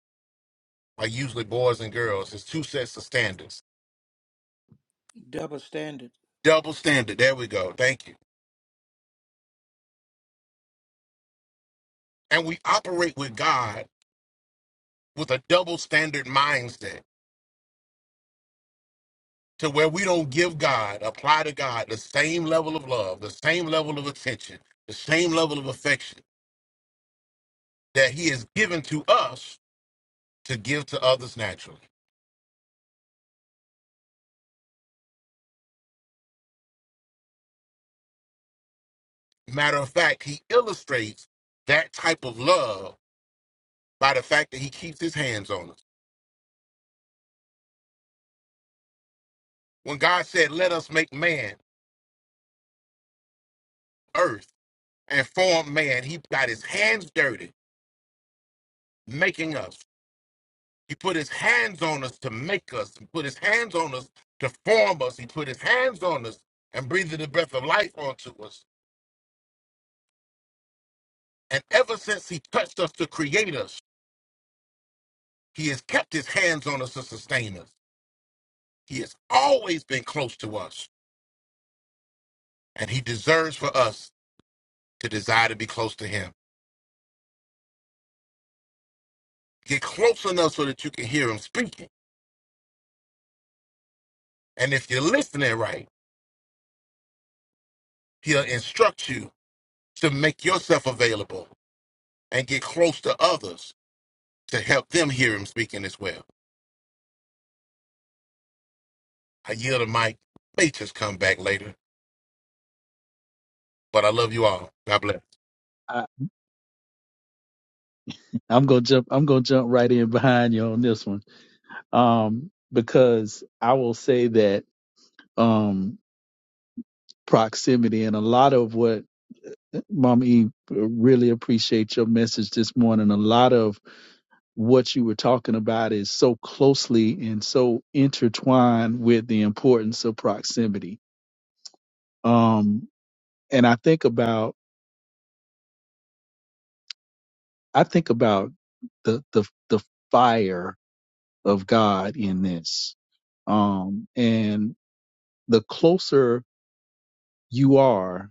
S2: like usually boys and girls, it's two sets of standards.
S3: Double standard.
S2: Double standard. There we go. Thank you. And we operate with God with a double standard mindset to where we don't give God, apply to God the same level of love, the same level of attention, the same level of affection that He has given to us to give to others naturally. Matter of fact, He illustrates that type of love by the fact that He keeps His hands on us. When God said, Let us make man, earth, and form man, He got His hands dirty making us. He put his hands on us to make us. He put his hands on us to form us. He put his hands on us and breathed the breath of life onto us. And ever since he touched us to create us, he has kept his hands on us to sustain us. He has always been close to us, and he deserves for us to desire to be close to him. Get close enough so that you can hear him speaking. And if you're listening right, he'll instruct you to make yourself available and get close to others to help them hear him speaking as well. I yield the mic. May just come back later. But I love you all. God bless.
S5: I, I'm gonna jump I'm gonna jump right in behind you on this one. Um, because I will say that um proximity and a lot of what Mom E really appreciate your message this morning. A lot of what you were talking about is so closely and so intertwined with the importance of proximity. Um, and I think about I think about the the the fire of God in this. Um, and the closer you are,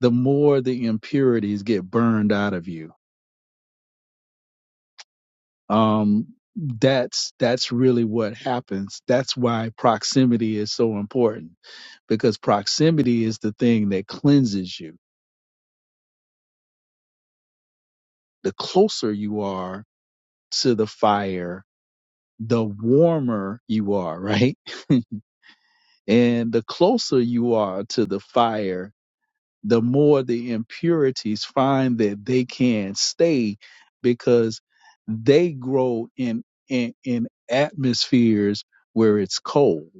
S5: the more the impurities get burned out of you. Um, that's that's really what happens. That's why proximity is so important because proximity is the thing that cleanses you. The closer you are to the fire, the warmer you are, right? (laughs) And the closer you are to the fire, the more the impurities find that they can stay because they grow in, in, in atmospheres where it's cold.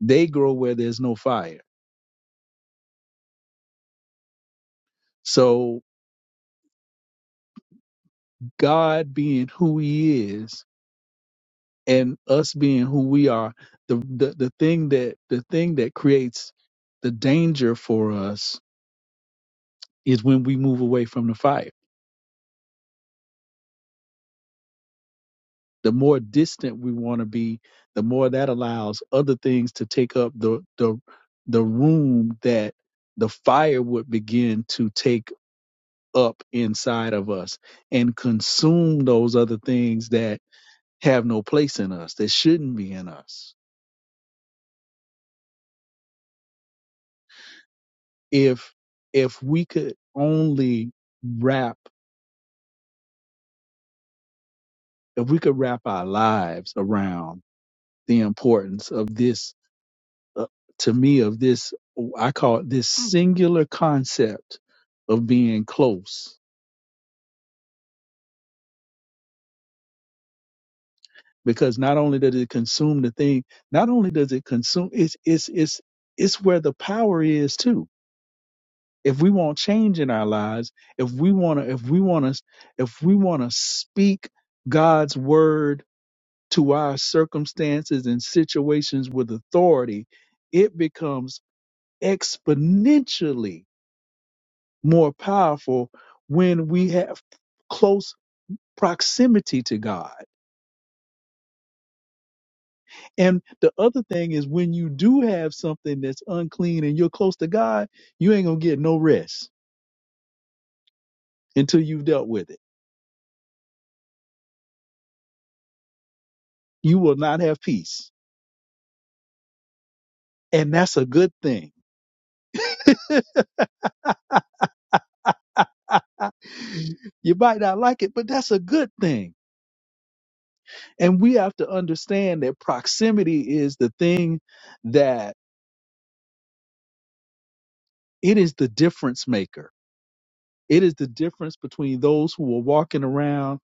S5: They grow where there's no fire. So God being who he is and us being who we are, the, the, the thing that, the thing that creates the danger for us is when we move away from the fire the more distant we want to be, the more that allows other things to take up the the the room that the fire would begin to take up inside of us and consume those other things that have no place in us, that shouldn't be in us. If if we could only wrap if we could wrap our lives around the importance of this uh, to me of this i call it this singular concept of being close because not only does it consume the thing not only does it consume it's it's it's it's where the power is too if we want change in our lives if we want to if we want to if we want to speak god's word to our circumstances and situations with authority it becomes exponentially more powerful when we have close proximity to God. And the other thing is when you do have something that's unclean and you're close to God, you ain't going to get no rest until you've dealt with it. You will not have peace. And that's a good thing. (laughs) you might not like it, but that's a good thing. And we have to understand that proximity is the thing that it is the difference maker. It is the difference between those who are walking around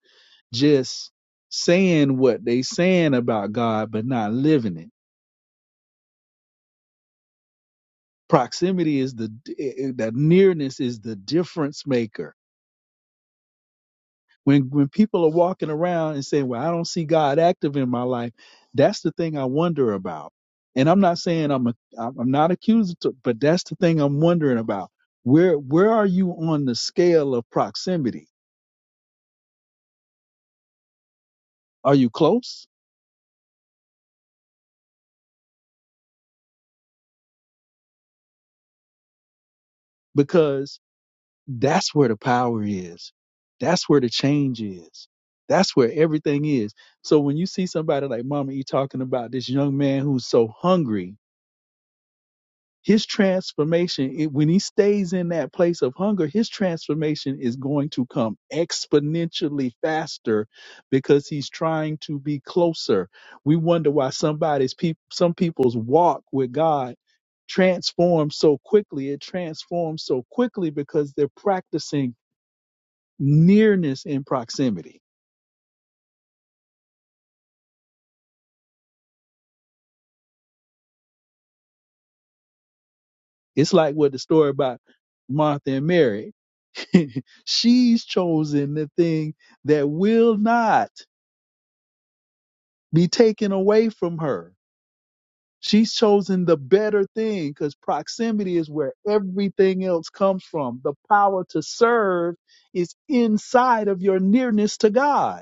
S5: just saying what they saying about God but not living it. Proximity is the eh, eh, that nearness is the difference maker. When when people are walking around and saying, "Well, I don't see God active in my life," that's the thing I wonder about. And I'm not saying I'm a I'm not accusatory, but that's the thing I'm wondering about. Where where are you on the scale of proximity? Are you close? Because That's where the power is. That's where the change is. That's where everything is. So when you see somebody like Mama E talking about this young man who's so hungry, his transformation, it, when he stays in that place of hunger, his transformation is going to come exponentially faster because he's trying to be closer. We wonder why somebody's peop some people's walk with God transforms so quickly. It transforms so quickly because they're practicing nearness and proximity. It's like what the story about Martha and Mary. (laughs) She's chosen the thing that will not be taken away from her. She's chosen the better thing because proximity is where everything else comes from. The power to serve is inside of your nearness to God.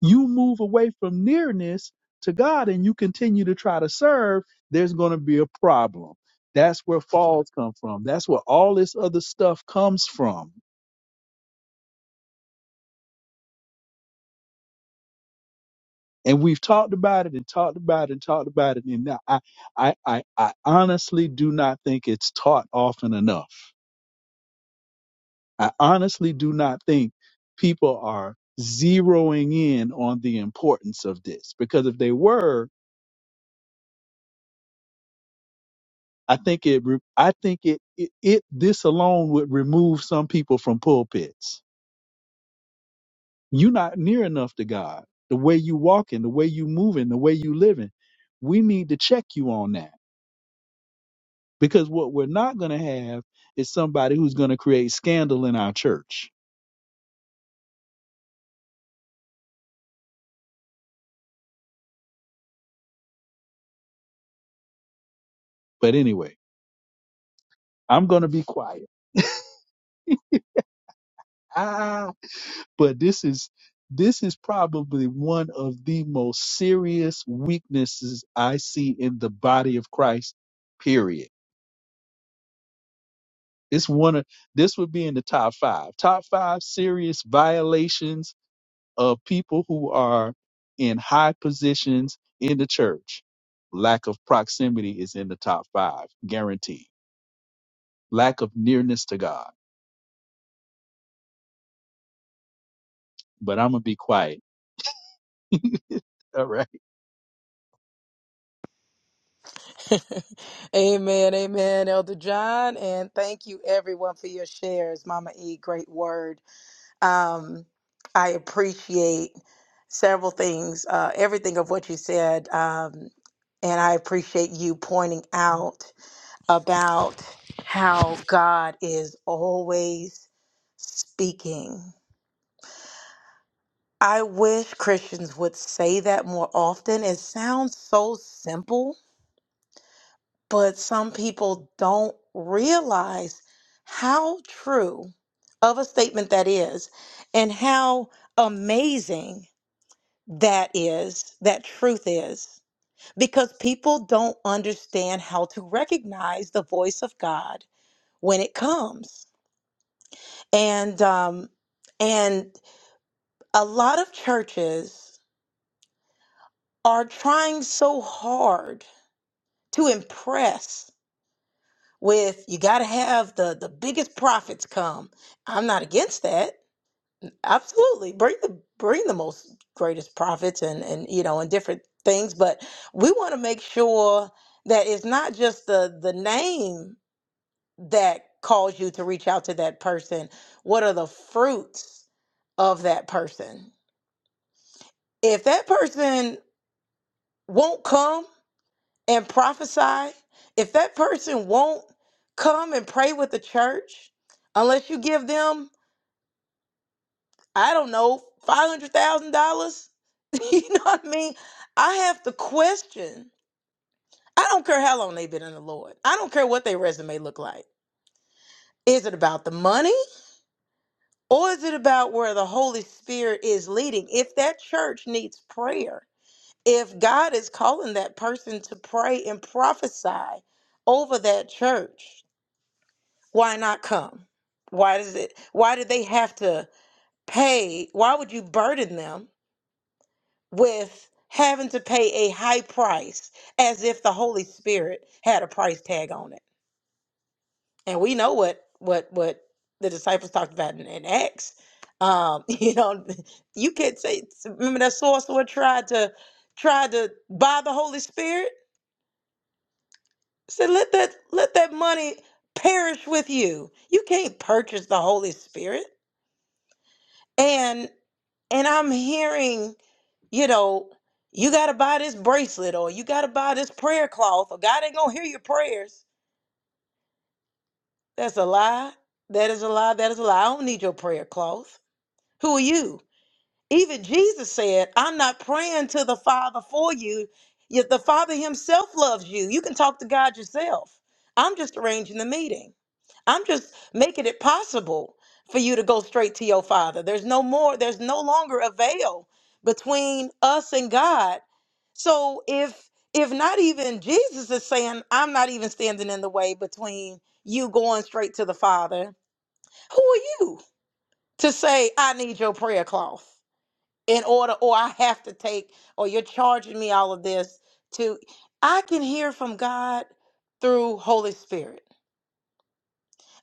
S5: you move away from nearness to God and you continue to try to serve, there's going to be a problem. That's where falls come from. That's where all this other stuff comes from. And we've talked about it and talked about it and talked about it. And I, I, I, I honestly do not think it's taught often enough. I honestly do not think people are zeroing in on the importance of this because if they were, I think it. re- I think it, it. It. This alone would remove some people from pulpits. You're not near enough to God. The way you walking, the way you moving, the way you living. We need to check you on that because what we're not going to have is somebody who's going to create scandal in our church. But anyway, I'm going to be quiet. Ah, but this is this is probably one of the most serious weaknesses I see in the body of Christ. Period This one of this would be in the top five. Top five serious violations of people who are in high positions in the church. Lack of proximity is in the top five, guaranteed. Lack of nearness to God. But I'm gonna be quiet. (laughs) All right.
S4: (laughs) amen, amen, Elder John, and thank you everyone for your shares, Mama E. Great word. Um, I appreciate several things, uh, everything of what you said, um, and I appreciate you pointing out about how God is always speaking. I wish Christians would say that more often. It sounds so simple but some people don't realize how true of a statement that is and how amazing that is, that truth is, because people don't understand how to recognize the voice of God when it comes. And, um, and a lot of churches are trying so hard to impress with you got to have the the biggest profits come. I'm not against that. Absolutely, bring the bring the most greatest profits and and you know and different things, but we want to make sure that it's not just the the name that calls you to reach out to that person. What are the fruits of that person? If that person won't come and prophesy, if that person won't come and pray with the church, unless you give them, I don't know, five hundred thousand dollars, (laughs) you know what I mean? I have to question. I don't care how long they've been in the Lord. I don't care what their resume look like. Is it about the money or is it about where the Holy Spirit is leading? If that church needs prayer, if God is calling that person to pray and prophesy over that church, why not come? Why does it why do they have to pay? Why would you burden them with having to pay a high price as if the Holy Spirit had a price tag on it? And we know what what what the disciples talked about in, in Acts. Um, (laughs) you know, you can't say remember that sorcerer tried to tried to buy the Holy Spirit? Said let that let that money perish with you. You can't purchase the Holy Spirit. And And I'm hearing, you know, you got to buy this bracelet or you got to buy this prayer cloth or God ain't going to hear your prayers. That's a lie. That is a lie. That is a lie. I don't need your prayer cloth. Who are you? Even Jesus said, I'm not praying to the Father for you, yet the Father Himself loves you. You can talk to God yourself. I'm just arranging the meeting. I'm just making it possible for you to go straight to your Father. There's no more, there's no longer a veil between us and God. So if if not even Jesus is saying, I'm not even standing in the way between you going straight to the Father, who are you to say, I need your prayer cloth? in order or I have to take or you're charging me all of this to I can hear from God through Holy Spirit.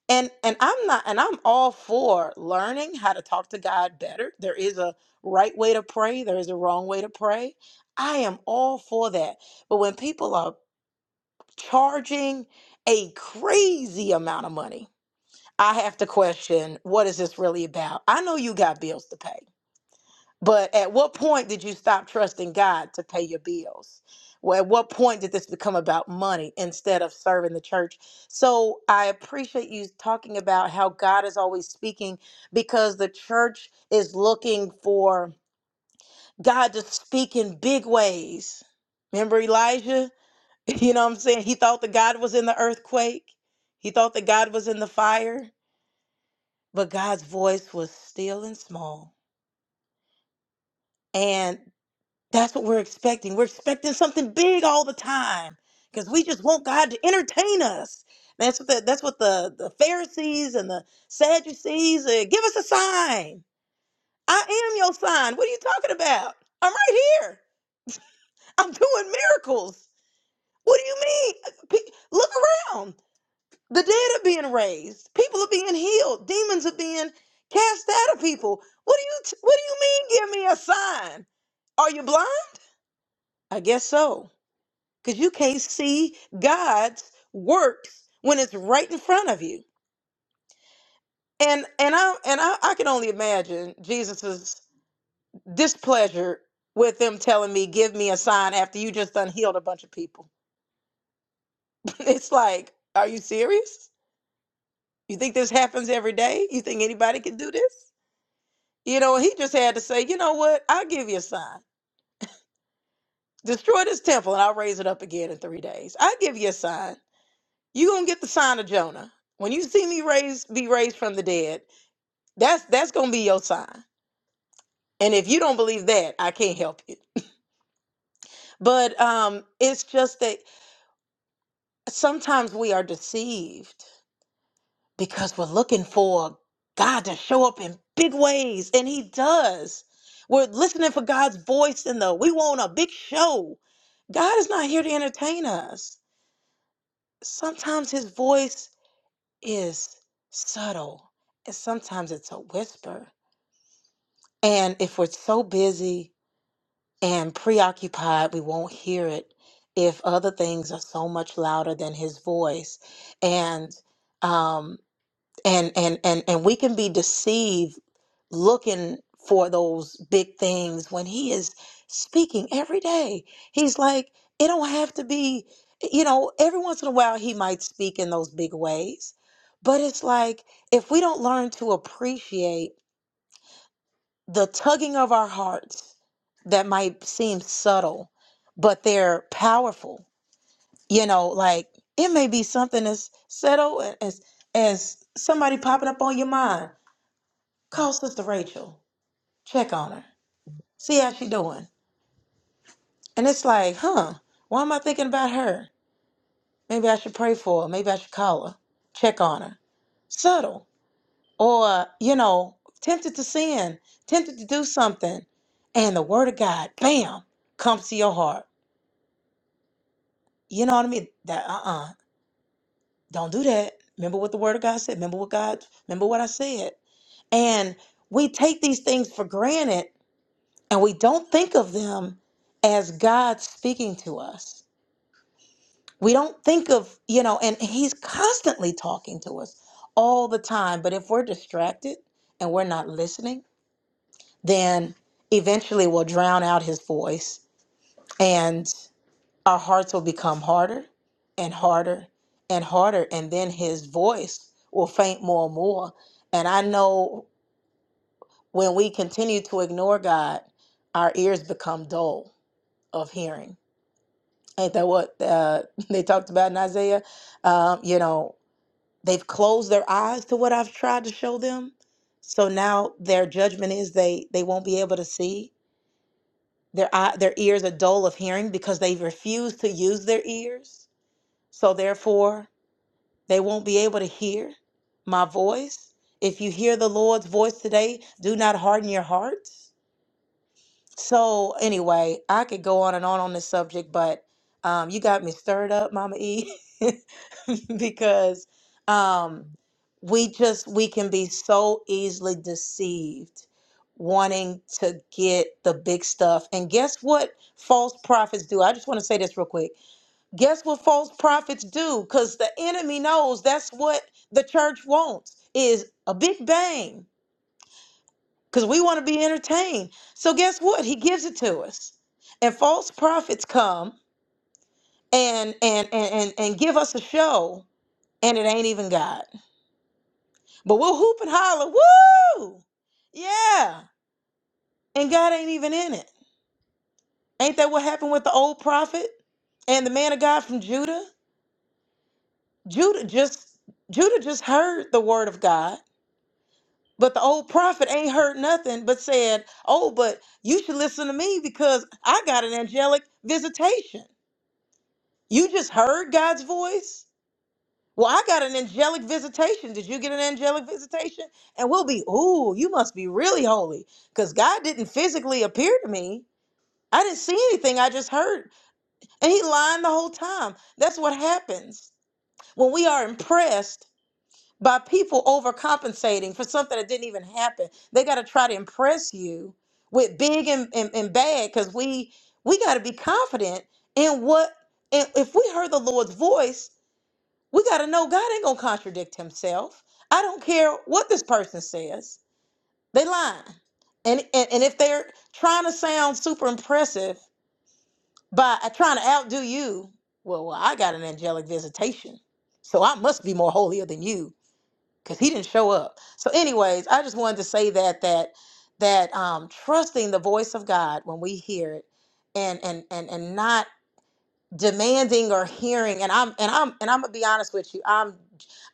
S4: And and I'm not and I'm all for learning how to talk to God better. There is a right way to pray, there is a wrong way to pray. I am all for that. But when people are charging a crazy amount of money, I have to question what is this really about? I know you got bills to pay. But at what point did you stop trusting God to pay your bills? Well, at what point did this become about money instead of serving the church? So I appreciate you talking about how God is always speaking because the church is looking for God to speak in big ways. Remember Elijah? (laughs) You know what I'm saying? He thought that God was in the earthquake, he thought that God was in the fire, but God's voice was still and small. and. That's what we're expecting. We're expecting something big all the time because we just want God to entertain us. That's what the, that's what the, the Pharisees and the Sadducees uh, give us a sign. I am your sign. What are you talking about? I'm right here. I'm doing miracles. What do you mean? (laughs) Pe- Look around. The dead are being raised. People are being healed. Demons are being cast out of people. What do you t- What do you mean? Give me a sign. Are you blind? I guess so. because you can't see God's works when it's right in front of you. And and I and I, I can only imagine Jesus's displeasure with them telling me, "Give me a sign," after you just done healed a bunch of people. (laughs) it's like, are you serious? You think this happens every day? You think anybody can do this? You know, he just had to say, you know what? I'll give you a sign. Destroy this temple and I'll raise it up again in three days. I'll give you a sign. you going to get the sign of Jonah. When you see me raise, be raised from the dead, That's that's gonna be your sign. And if you don't believe that, I can't help you. But um, it's just that sometimes we are deceived because we're looking for God to show up in big ways, and He does. We're listening for God's voice in the we want a big show. God is not here to entertain us. Sometimes His voice is subtle, and sometimes it's a whisper. And if we're so busy and preoccupied, we won't hear it if other things are so much louder than his voice. And um and and and and we can be deceived looking for those big things when he is speaking every day. He's like, it don't have to be, you know, every once in a while he might speak in those big ways. But it's like if we don't learn to appreciate the tugging of our hearts that might seem subtle, but they're powerful. You know, like it may be something as subtle as as somebody popping up on your mind. Call Sister Rachel, check on her, see how she doing. And it's like, huh? Why am I thinking about her? Maybe I should pray for her. Maybe I should call her, check on her. Subtle, or you know, tempted to sin, tempted to do something, and the Word of God, bam, comes to your heart You know what I mean? That uh uh-uh, uh, do not do that. Remember what the word of God said. Remember what God, remember what I said. And we take these things for granted and we don't think of them as God speaking to us. We don't think of, you know, and He's constantly talking to us all the time. But if we're distracted and we're not listening, then eventually we'll drown out His voice our hearts will become harder and harder and harder and then his voice will faint more and more and i know when we continue to ignore god our ears become dull of hearing ain't that what uh, (laughs) they talked about in isaiah um, you know they've closed their eyes to what i've tried to show them so now their judgment is they they won't be able to see their eye, their ears are dull of hearing because they refuse to use their ears so therefore They won't be able to hear my voice. If you hear the Lord's voice today, do not harden your hearts. So, anyway, I could go on and on on this subject, but um, you got me stirred up, Mama E, (laughs) because um, we just we can be so easily deceived, wanting to get the big stuff. And guess what? False prophets do. I just want to say this real quick guess what false prophets do because the enemy knows that's what the church wants is a big bang because we want to be entertained so guess what he gives it to us and false prophets come and and and and, and give us a show and it ain't even god but we'll hoop and holler woo yeah and god ain't even in it ain't that what happened with the old prophet and the man of god from judah judah just judah just heard the word of god But the old prophet ain't heard nothing but said, Oh, but you should listen to me because I got an angelic visitation. You just heard God's voice? Well, I got an angelic visitation. Did you get an angelic visitation? And we'll be, Ooh, you must be really holy because God didn't physically appear to me. I didn't see anything, I just heard. And he lying the whole time. That's what happens when we are impressed by people overcompensating for something that didn't even happen. They got to try to impress you with big and, and, and bad because we we got to be confident in what and if we heard the Lord's voice, we got to know God ain't gonna contradict Himself. I don't care what this person says; they lying. And, and and if they're trying to sound super impressive by uh, trying to outdo you, well, well, I got an angelic visitation, so I must be more holier than you because he didn't show up. So, anyways, I just wanted to say that that that um, trusting the voice of God when we hear it, and and and and not demanding or hearing. And I'm and I'm and I'm gonna be honest with you. I'm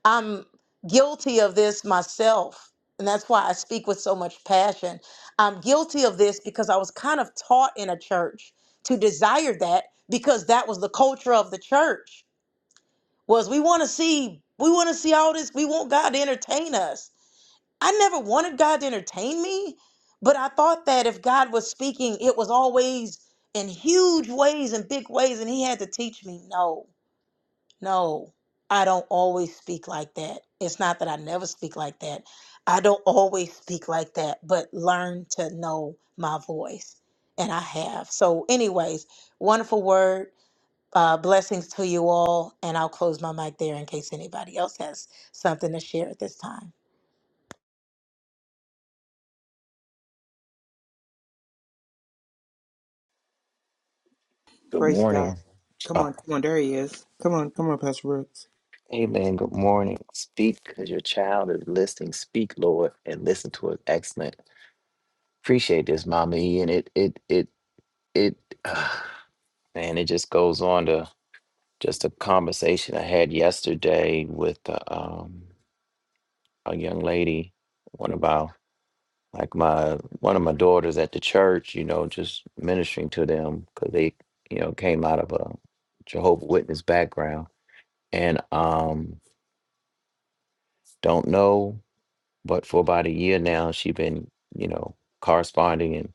S4: I'm guilty of this myself, and that's why I speak with so much passion. I'm guilty of this because I was kind of taught in a church to desire that because that was the culture of the church was we want to see we want to see all this we want god to entertain us I never wanted God to entertain me, but I thought that if God was speaking, it was always in huge ways and big ways, and He had to teach me. No, no, I don't always speak like that. It's not that I never speak like that. I don't always speak like that, but learn to know my voice. And I have. So, anyways, wonderful word. Uh, blessings to you all. And I'll close my mic there in case anybody else has something to share at this time.
S6: Good
S3: Praise God.
S6: morning.
S3: Come
S6: Oh,
S3: on, come on, there he is. Come on, come on, Pastor Brooks.
S6: amen. Good morning. Speak because your child is listening. Speak, Lord, and listen to us. Excellent. Appreciate this, mommy. And it, it, it, it, (sighs) uh, man, it just goes on to just a conversation I had yesterday with uh, um, a young lady, one of our, like my, one of my daughters at the church, you know, just ministering to them because they, you know, came out of a Jehovah Witness background. And, um, don't know but for about a year now she has been you know corresponding and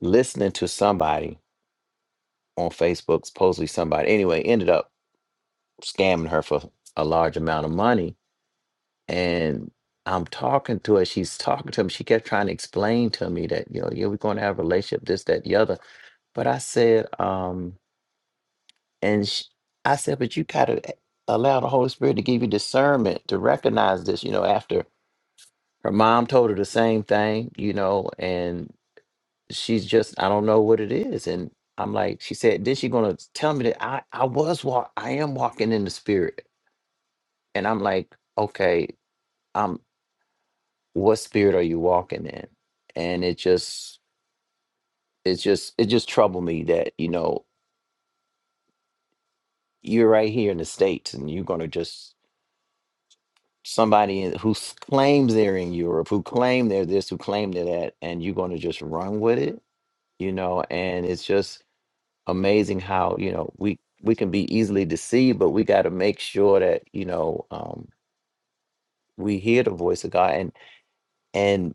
S6: listening to somebody on facebook supposedly somebody anyway ended up scamming her for a large amount of money and i'm talking to her she's talking to me she kept trying to explain to me that you know yeah we're going to have a relationship this that the other but i said um and sh i said but you gotta allow the holy spirit to give you discernment to recognize this you know after her mom told her the same thing you know and she's just I don't know what it is. And I'm like, she said, then she gonna tell me that I I was walk I am walking in the spirit. And I'm like, okay, um, what spirit are you walking in? And it just it's just it just troubled me that you know you're right here in the states and you're gonna just somebody in- who s- claims they're in Europe, who claim they're this, who claim they're that, and you're gonna just run with it, you know. And it's just amazing how you know we we can be easily deceived but we got to make sure that you know um we hear the voice of god and and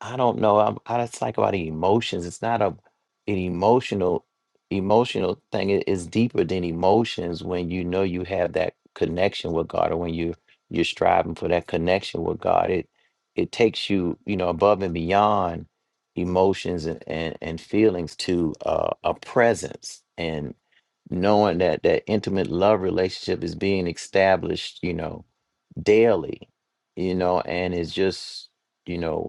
S6: I don't know. I'm, I just talk about the emotions. It's not a an emotional emotional thing. it's deeper than emotions when you know you have that connection with God, or when you you're striving for that connection with God. It it takes you, you know, above and beyond emotions and and, and feelings to uh, a presence and knowing that that intimate love relationship is being established. You know, daily, you know, and it's just, you know.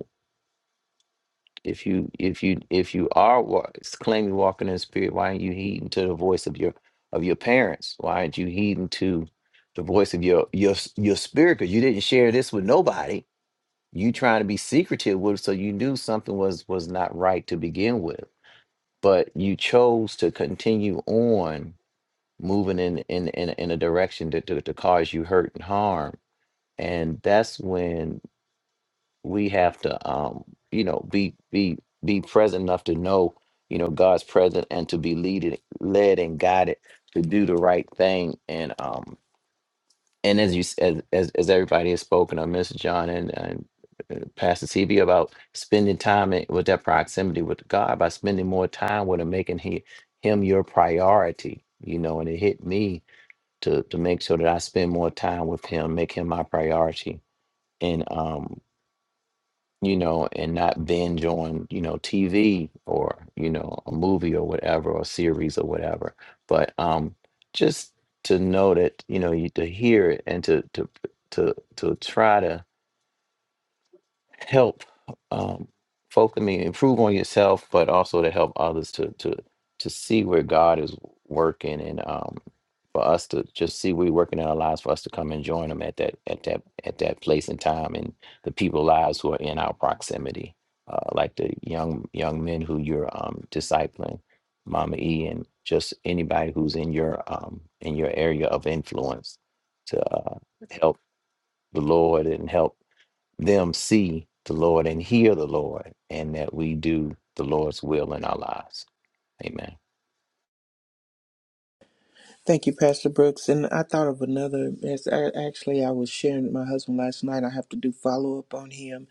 S6: If you if you if you are wa- claiming walking in the spirit, why aren't you heeding to the voice of your of your parents? Why aren't you heeding to the voice of your your s- your spirit? Because you didn't share this with nobody. You trying to be secretive with, so you knew something was was not right to begin with. But you chose to continue on moving in in in, in a direction that to, to cause you hurt and harm. And that's when we have to um you know be be be present enough to know you know god's present and to be leaded led and guided to do the right thing and um and as you s- as as, as everybody has spoken on mr john and and uh, pastor cb about spending time in, with that proximity with god by spending more time with him making he, him your priority you know and it hit me to to make sure that i spend more time with him make him my priority and um you know, and not binge on, you know, TV or, you know, a movie or whatever, or series or whatever. But um just to know that, you know, you to hear it and to to to to try to help um, folk. I mean, improve on yourself, but also to help others to to to see where God is working, and um, for us to just see where He's working in our lives, for us to come and join Him at that at that at that place and time, and the people lives who are in our proximity, uh, like the young young men who you're um, discipling, Mama E, and just anybody who's in your um, in your area of influence to uh, help the Lord and help them see the Lord and hear the Lord, and that we do the Lord's will in our lives. Amen.
S3: Thank you, Pastor Brooks. And I thought of another. As I, actually, I was sharing with my husband last night. I have to do follow up on him.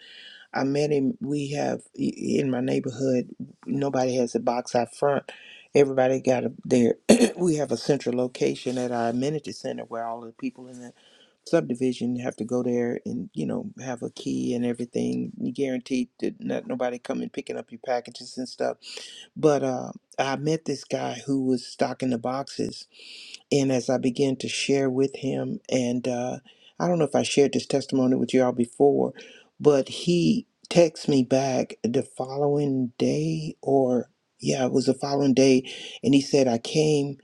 S3: I met him. We have i- in my neighborhood. Nobody has a box out front. Everybody got a, their. (clears throat) we have a central location at our amenity center where all the people in the subdivision have to go there and you know have a key and everything. You guaranteed that not nobody coming picking up your packages and stuff. But uh, I met this guy who was stocking the boxes and as I began to share with him, and uh, I don't know if I shared this testimony with y'all before, but he texted me back the following day, or yeah, it was the following day, and he said, "I came,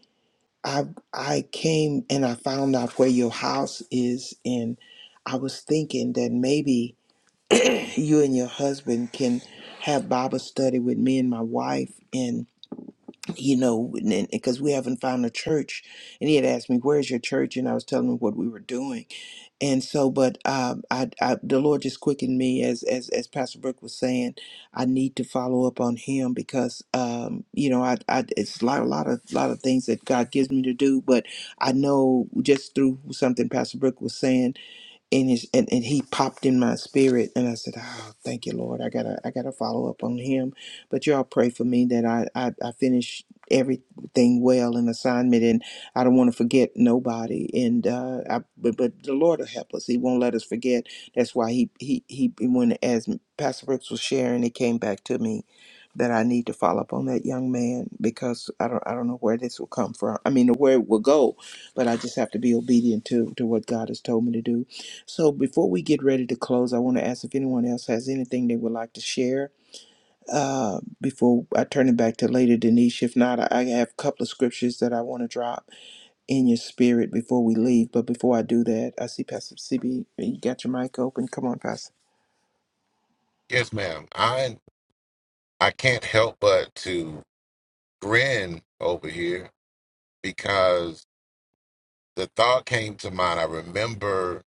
S3: I I came, and I found out where your house is, and I was thinking that maybe." (clears throat) you and your husband can have Bible study with me and my wife And you know, and because we haven't found a church, and he had asked me, "Where's your church?" and I was telling him what we were doing, and so, but um, I, I, the Lord just quickened me as as as Pastor Brooke was saying, I need to follow up on him because, um, you know, I, I it's a lot, a lot of, lot of things that God gives me to do, but I know just through something Pastor Brooke was saying and his and, and he popped in my spirit and I said, Oh, thank you, Lord. I gotta I gotta follow up on him. But y'all pray for me that I I, I finish everything well in assignment and I don't want to forget nobody. And uh I but, but the Lord will help us. He won't let us forget. That's why he he he when as Pastor Brooks was sharing, it came back to me that I need to follow up on that young man because I don't I don't know where this will come from. I mean where it will go, but I just have to be obedient to to what God has told me to do. So before we get ready to close, I want to ask if anyone else has anything they would like to share uh, before I turn it back to later, Denise. If not, I I have a couple of scriptures that I want to drop in your spirit before we leave. But before I do that, I see Pastor CB. You got your mic open. Come on, Pastor.
S2: Yes, ma'am. I I can't help but to grin over here because the thought came to mind. I remember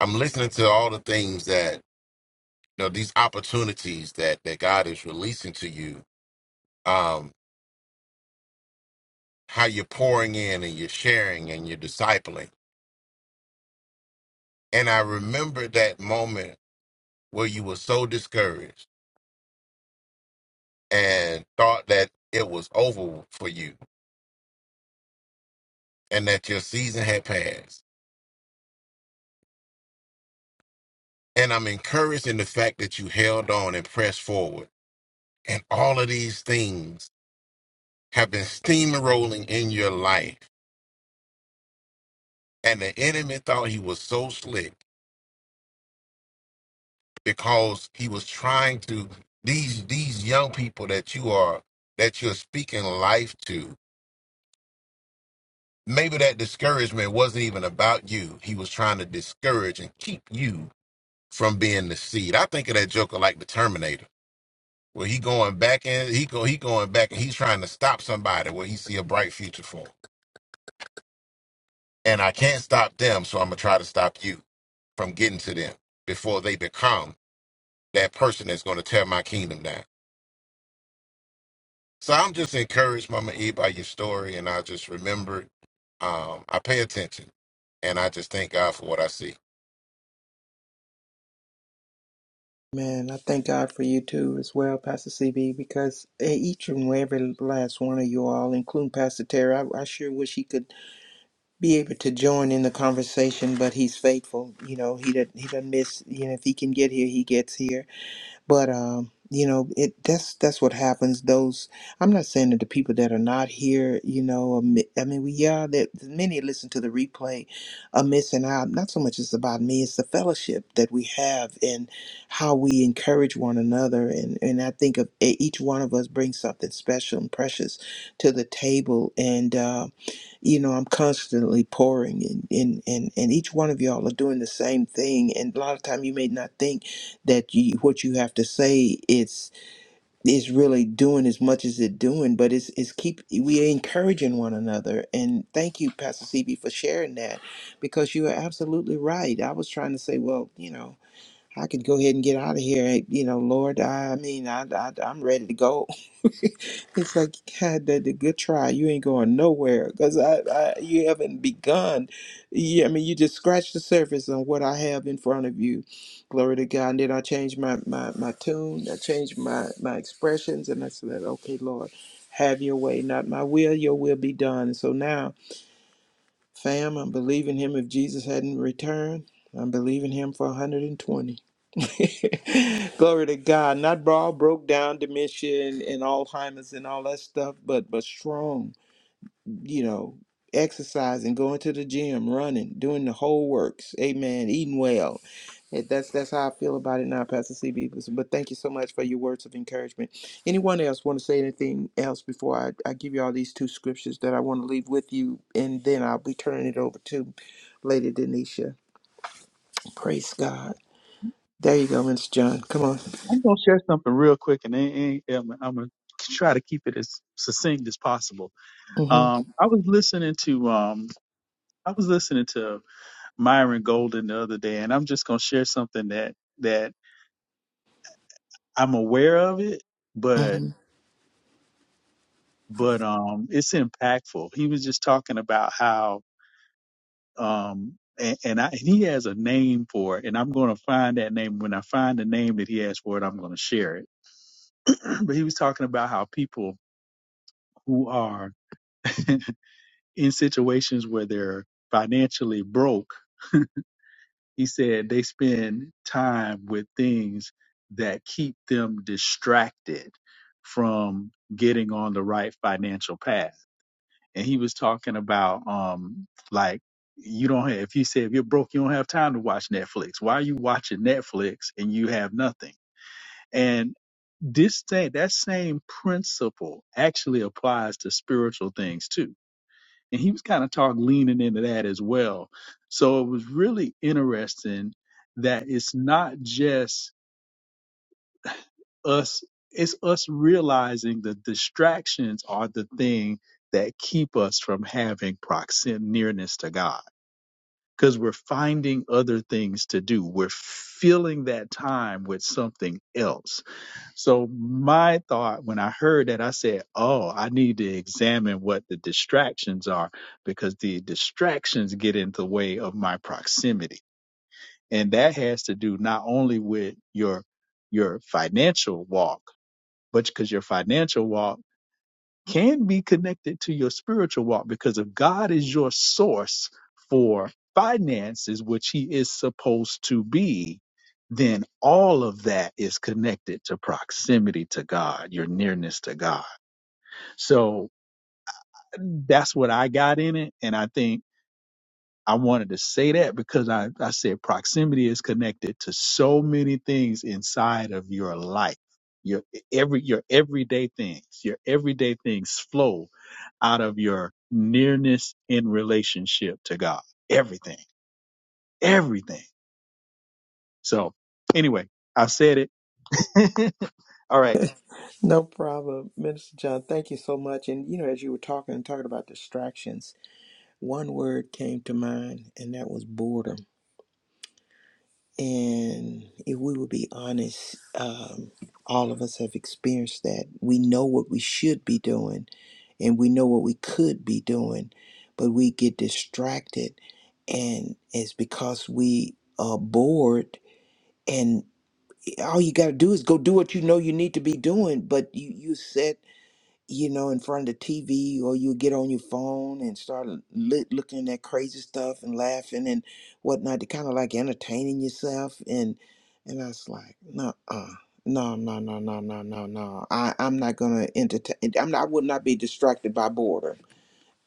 S2: I'm listening to all the things that you know these opportunities that that God is releasing to you. Um, how you're pouring in and you're sharing and you're discipling. And I remember that moment where you were so discouraged and thought that it was over for you and that your season had passed. And I'm encouraged in the fact that you held on and pressed forward. And all of these things have been steamrolling in your life. And the enemy thought he was so slick because he was trying to these these young people that you are that you're speaking life to. Maybe that discouragement wasn't even about you. He was trying to discourage and keep you from being the seed. I think of that joker like the Terminator where he going back in he go he going back and he's trying to stop somebody where he see a bright future for and i can't stop them so i'm gonna try to stop you from getting to them before they become that person that's going to tear my kingdom down so i'm just encouraged mama e by your story and i just remembered um i pay attention and i just thank god for what i see
S3: Man, I thank God for you too as well, Pastor CB, because eh, each and every last one of you all, including Pastor Terry, I, I sure wish he could be able to join in the conversation, but he's faithful. You know, he doesn't he doesn't miss. You know, if he can get here, he gets here. But um, you know, it that's that's what happens. Those I'm not saying that the people that are not here, you know, are mi- I mean, we yeah, that many listen to the replay are missing out. Not so much it's about me; it's the fellowship that we have and how we encourage one another. And and I think of e- each one of us brings something special and precious to the table. And um, you know i'm constantly pouring and and and, and each one of y'all are doing the same thing and a lot of time you may not think that you what you have to say it's is really doing as much as it doing but it's it's keep we encouraging one another and thank you pastor cb for sharing that because you are absolutely right i was trying to say well you know I could go ahead and get out of here. eh, You know, Lord, I mean, I, I, I'm ready to go. (laughs) it's like, God, the, the good try. You ain't going nowhere because I, I, you haven't begun. Yeah, I mean, you just scratched the surface on what I have in front of you. Glory to God. And then I changed my, my, my tune. I changed my, my expressions. And I said, okay, Lord, have your way, not my will, your will be done. So now, fam, I'm believing him if Jesus hadn't returned. I'm believing him for 120. (laughs) Glory to God. Not bra broke down dementia and, and Alzheimer's and all that stuff, but but strong, you know, exercising, going to the gym, running, doing the whole works. Amen. Eating well. It- that's that's how I feel about it now, Pastor CB. But but thank you so much for your words of encouragement. Anyone else want to say anything else before I, I give you all these two scriptures that I want to leave with you, and then I'll be turning it over to Lady Denisha. Praise God. There you go, Mr. John. Come on.
S5: I'm gonna share something real quick, and then I'm, I'm gonna try to keep it as succinct as possible.
S3: Mm-hmm.
S5: Um, I was listening to um, I was listening to Myron Golden the other day, and I'm just gonna share something that that I'm aware of it, but
S3: And
S5: but um, it's impactful. He was just talking about how um, and, and I and he has a name for it, and I'm going to find that name. When I find the name that he has for it, I'm going to share it. (clears throat) but he was talking about how people who are (laughs) in situations where they're financially broke, he said they spend time with things that keep them distracted from getting on the right financial path and he was talking about um like you don't have if you say if you're broke you don't have time to watch netflix why are you watching netflix and you have nothing and this thing that same principle actually applies to spiritual things too and he was kind of talking leaning into that as well so it was really interesting that it's not just us it's us realizing the distractions are the thing that keep us from having proximity nearness to god because we're finding other things to do. We're filling that time with something else. So, my thought when I heard that, I said, Oh, I need to examine what the distractions are because the distractions get in the way of my proximity. And that has to do not only with your your financial walk, but because your financial walk can be connected to your spiritual walk because if God is your source for finances, which He is supposed to be, then all of that is connected to proximity to God, your nearness to God. So that's what I got in it. And I think I wanted to say that because I, I said proximity is connected to so many things inside of your life. Your every your everyday things, your everyday things flow out of your nearness in relationship to God. Everything, everything. So anyway, I said it. (laughs) All right.
S3: No problem, Minister John. Thank you so much. And you know, as you were talking and talking about distractions, one word came to mind, and that was boredom. And if we would be honest, um, all of us have experienced that. We know what we should be doing, and we know what we could be doing, but we get distracted, and it's because we are bored. And all you got to do is go do what you know you need to be doing, but you you set you know, in front of the TV, or you get on your phone and start li- looking at crazy stuff and laughing and whatnot, to kind of like entertaining yourself. And and I was like, no, uh, no, no, no, no, no, no, no. I I'm not gonna entertain. I'm not, I would not be distracted by boredom.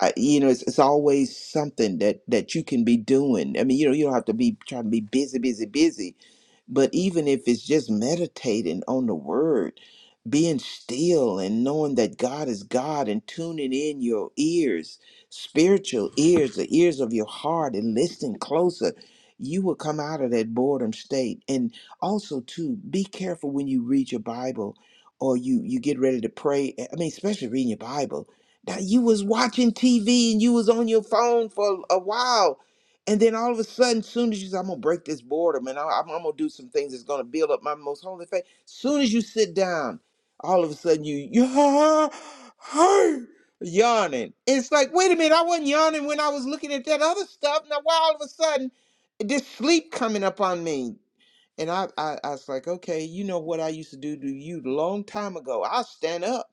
S3: I, you know, it's, it's always something that that you can be doing. I mean, you know, you don't have to be trying to be busy, busy, busy but even if it's just meditating on the word, being still and knowing that God is God and tuning in your ears, spiritual ears, the ears of your heart, and listening closer, you will come out of that boredom state. And also, too, be careful when you read your Bible or you you get ready to pray. eh, I mean, especially reading your Bible. Now you was watching TV and you was on your phone for a while and then all of a sudden, soon as you say, I'm gonna break this boredom and I, I'm, I'm gonna do some things that's gonna build up my most holy faith. Soon as you sit down, all of a sudden you you (laughs) yawning. It's like, wait a minute, I wasn't yawning when I was looking at that other stuff. Now why all of a sudden this sleep coming up on me? And I, I, I was like, okay, you know what I used to do to you a long time ago. I'll stand up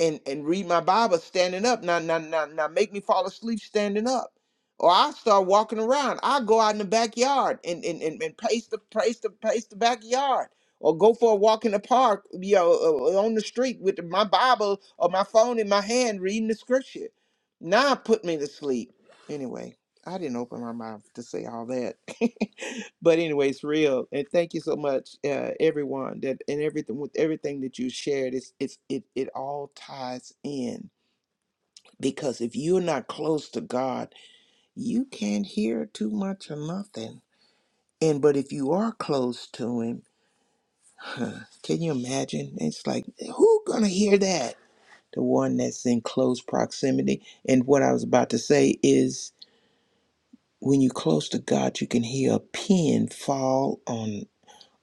S3: and and read my Bible standing up. Now, now, now, now, make me fall asleep standing up, or I start walking around. I go out in the backyard and and and, and pace the pace the pace the backyard, or go for a walk in the park, you know, uh, on the street with my Bible or my phone in my hand, reading the scripture. Now, it put me to sleep. Anyway, I didn't open my mouth to say all that. (laughs) but anyway, it's real and thank you so much uh, everyone that and everything with everything that you shared it's it's it, it all ties in because if you're not close to god you can't hear too much or nothing and but if you are close to him huh, can you imagine it's like who gonna hear that the one that's in close proximity and what i was about to say is when you're close to god you can hear a pin fall on.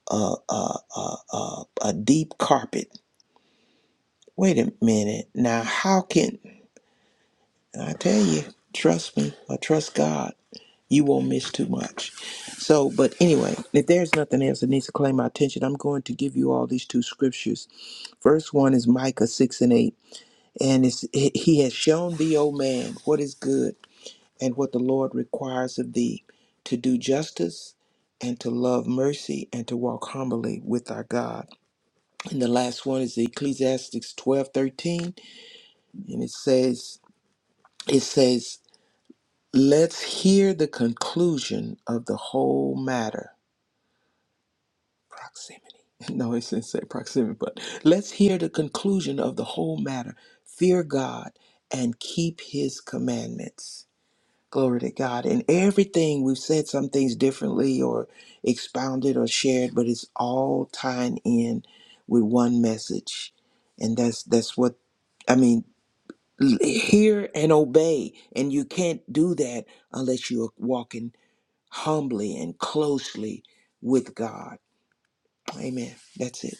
S3: a, a, a, a, a deep carpet. Wait a minute. Now, how can I tell you? Trust me or trust God. You won't miss too much. So, but anyway, if there's nothing else that needs to claim my attention, I'm going to give you all these two scriptures. First one is Micah 6 and 8. And it's, he has shown thee, O man, what is good and what the Lord requires of thee to do justice and to love mercy and to walk humbly with our God. And the last one is Ecclesiastes twelve thirteen, And it says, it says, let's hear the conclusion of the whole matter. Proximity. (laughs) No, it didn't say proximity, but let's hear the conclusion of the whole matter. Fear God and keep his commandments. Glory to God. In everything, we've said some things differently or expounded or shared, but it's all tying in with one message. And that's that's what I mean, L- Hear and obey. And you can't do that unless you are walking humbly and closely with God. Amen. That's it.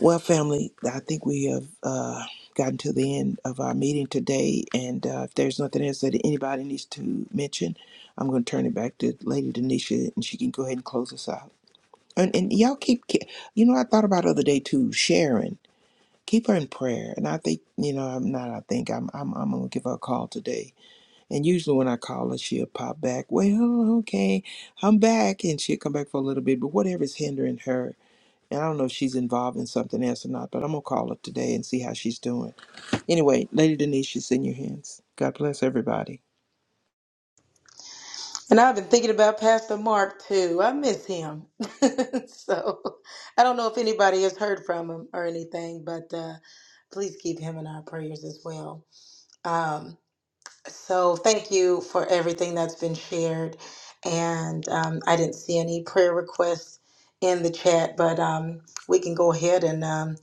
S3: Well, family, I think we have uh, gotten to the end of our meeting today. And uh, if there's nothing else that anybody needs to mention, I'm going to turn it back to Lady Denisha and she can go ahead and close us out. And, and y'all keep, ke- you know, I thought about the other day too, Sharon. Keep her in prayer. And I think, you know, I'm not, I think I'm, I'm, I'm going to give her a call today And usually when I call her, she'll pop back, well, okay, I'm back. And she'll come back for a little bit, but whatever's hindering her. And I don't know if she's involved in something else or not, but I'm going to call her today and see how she's doing. Anyway, Lady Denise, she's in your hands. God bless everybody.
S4: And I've been thinking about Pastor Mark too. I miss him. (laughs) so I don't know if anybody has heard from him or anything, but uh, please keep him in our prayers as well. Um, so thank you for everything that's been shared. And um, I didn't see any prayer requests in the chat, but um, we can go ahead and um,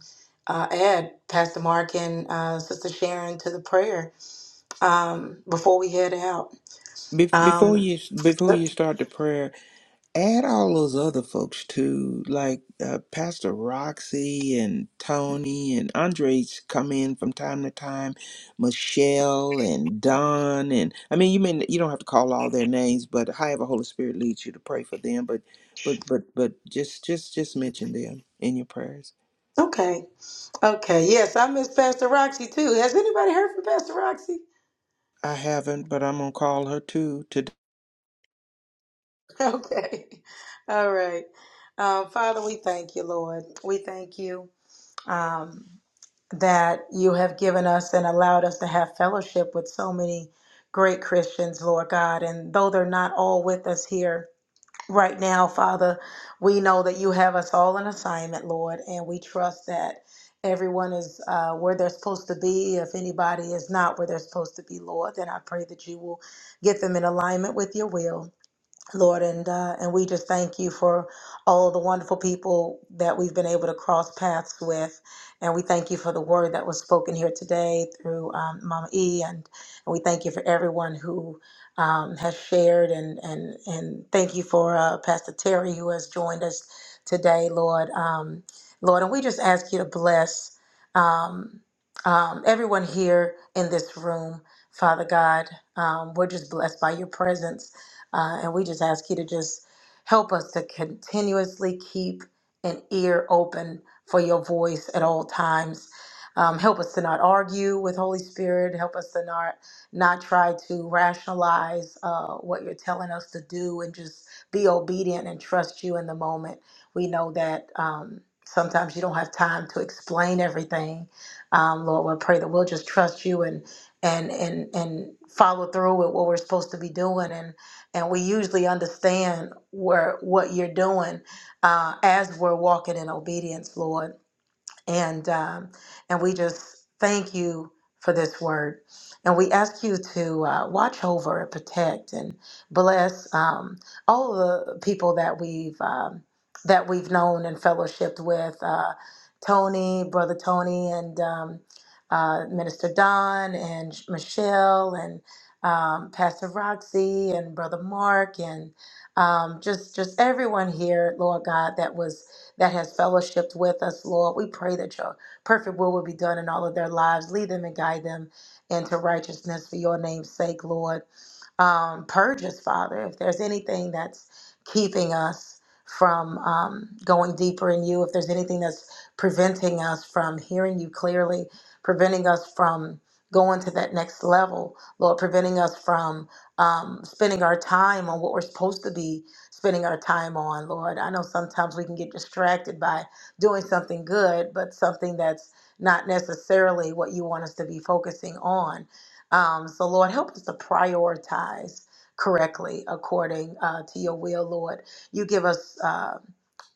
S4: uh, add Pastor Mark and uh, Sister Sharon to the prayer um, before we head out.
S3: Be- before
S4: Um,
S3: you before you start the prayer, add all those other folks too, like uh, Pastor Roxy and Tony and Andres come in from time to time, Michelle and Don and I mean you mean you don't have to call all their names, but however Holy Spirit leads you to pray for them, but but but but just just just mention them in your prayers.
S4: Okay. Okay. Yes, I miss Pastor Roxy too. Has anybody heard from Pastor Roxy?
S3: I haven't, but I'm gonna call her too
S4: Okay. (laughs) All right. Um, Father, we thank you, Lord. We thank you um, that you have given us and allowed us to have fellowship with so many great Christians, Lord God. And though they're not all with us here, right now, Father. We know that you have us all in assignment, Lord, and we trust that everyone is uh, where they're supposed to be. If anybody is not where they're supposed to be, Lord, then I pray that you will get them in alignment with your will. Lord, and uh, and we just thank you for all the wonderful people that we've been able to cross paths with, and we thank you for the word that was spoken here today through um, Mama E, and, and we thank you for everyone who um, has shared, and and and thank you for uh, Pastor Terry who has joined us today, Lord, um, Lord, and we just ask you to bless um, um, everyone here in this room, Father God. Um, we're just blessed by your presence. Uh, and we just ask you to just help us to continuously keep an ear open for your voice at all times. Um, help us to not argue with Holy Spirit. Help us to not not try to rationalize uh, what you're telling us to do, and just be obedient and trust you in the moment. We know that um, sometimes you don't have time to explain everything. Um, Lord, we pray that we'll just trust you and and and and follow through with what we're supposed to be doing, and and we usually understand where what you're doing uh, as we're walking in obedience, Lord and um, and we just thank you for this word, and we ask you to uh, watch over and protect and bless um, all the people that we've um, that we've known and fellowshipped with, uh, Tony, brother Tony, and um, uh, Minister Don and Michelle and um, Pastor Roxy and brother Mark and um, just just everyone here, Lord God, that was that has fellowshiped with us, Lord. We pray that your perfect will will be done in all of their lives. Lead them and guide them into righteousness for your name's sake, Lord. Um, purge us, Father, if there's anything that's keeping us from um, going deeper in you, if there's anything that's preventing us from hearing you clearly, preventing us from going to that next level, Lord, preventing us from um, spending our time on what we're supposed to be spending our time on, Lord. I know sometimes we can get distracted by doing something good, but something that's not necessarily what you want us to be focusing on. Um, so, Lord, help us to prioritize correctly according uh, to your will, Lord. You give us. uh,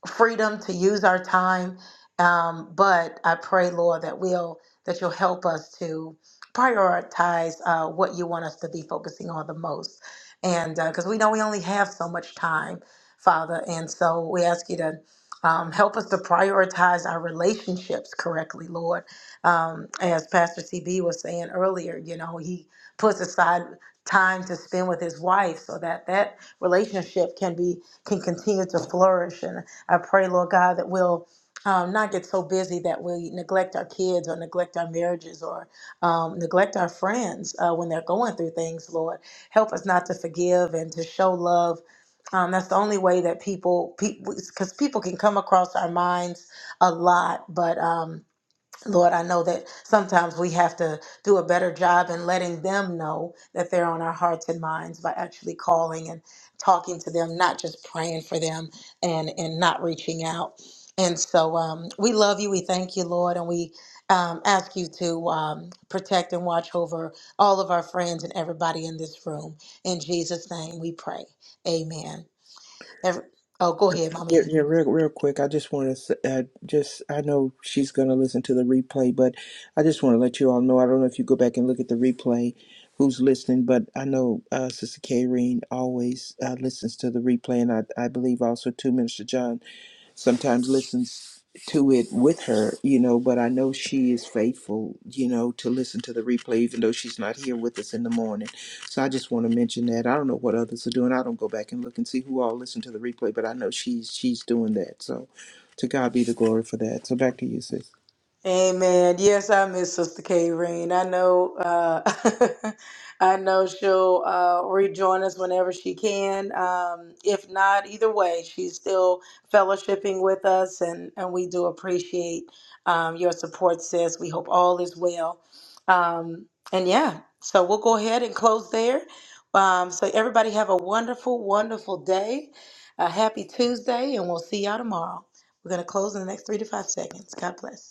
S4: freedom to use our time. Um, but I pray, Lord, that we'll that you'll help us to prioritize uh, what you want us to be focusing on the most, and because we know we only have so much time, Father, and so we ask you to. Um, help us to prioritize our relationships correctly, Lord. Um, as Pastor CB was saying earlier, you know, he puts aside time to spend with his wife so that that relationship can be can continue to flourish. And I pray, Lord God, that we'll um, not get so busy that we neglect our kids or neglect our marriages or um, neglect our friends uh, when they're going through things, Lord. Help us not to forgive and to show love. Um, that's the only way that people, because people can come across our minds a lot, but. Um, Lord, I know that sometimes we have to do a better job in letting them know that they're on our hearts and minds by actually calling and talking to them, not just praying for them and and not reaching out. And so um, we love you. We thank you, Lord, and we um, ask you to um, protect and watch over all of our friends and everybody in this room. In Jesus' name, we pray. Amen. Every, oh, go ahead,
S3: Yeah,
S4: mommy.
S3: yeah, real, real quick. I just want to uh, just I know she's gonna listen to the replay, but I just want to let you all know. I don't know if you go back and look at the replay, who's listening, but I know uh, Sister Kareen always uh, listens to the replay, and I I believe also to Minister John sometimes listens to it with her, you know, but I know she is faithful, you know, to listen to the replay, even though she's not here with us in the morning. So I just want to mention that. I don't know what others are doing. I don't go back and look and see who all listened to the replay, but I know she's she's doing that. So to God be the glory for that. So back to you, sis.
S4: Amen. Yes, I miss Sister K. Rain. I know. Uh, (laughs) I know she'll uh, rejoin us whenever she can. Um, if not, either way, she's still fellowshipping with us, and and we do appreciate um, your support, sis. We hope all is well. Um, and yeah, so we'll go ahead and close there. Um, so everybody have a wonderful, wonderful day. A happy Tuesday, and we'll see y'all tomorrow. We're gonna close in the next three to five seconds. God bless.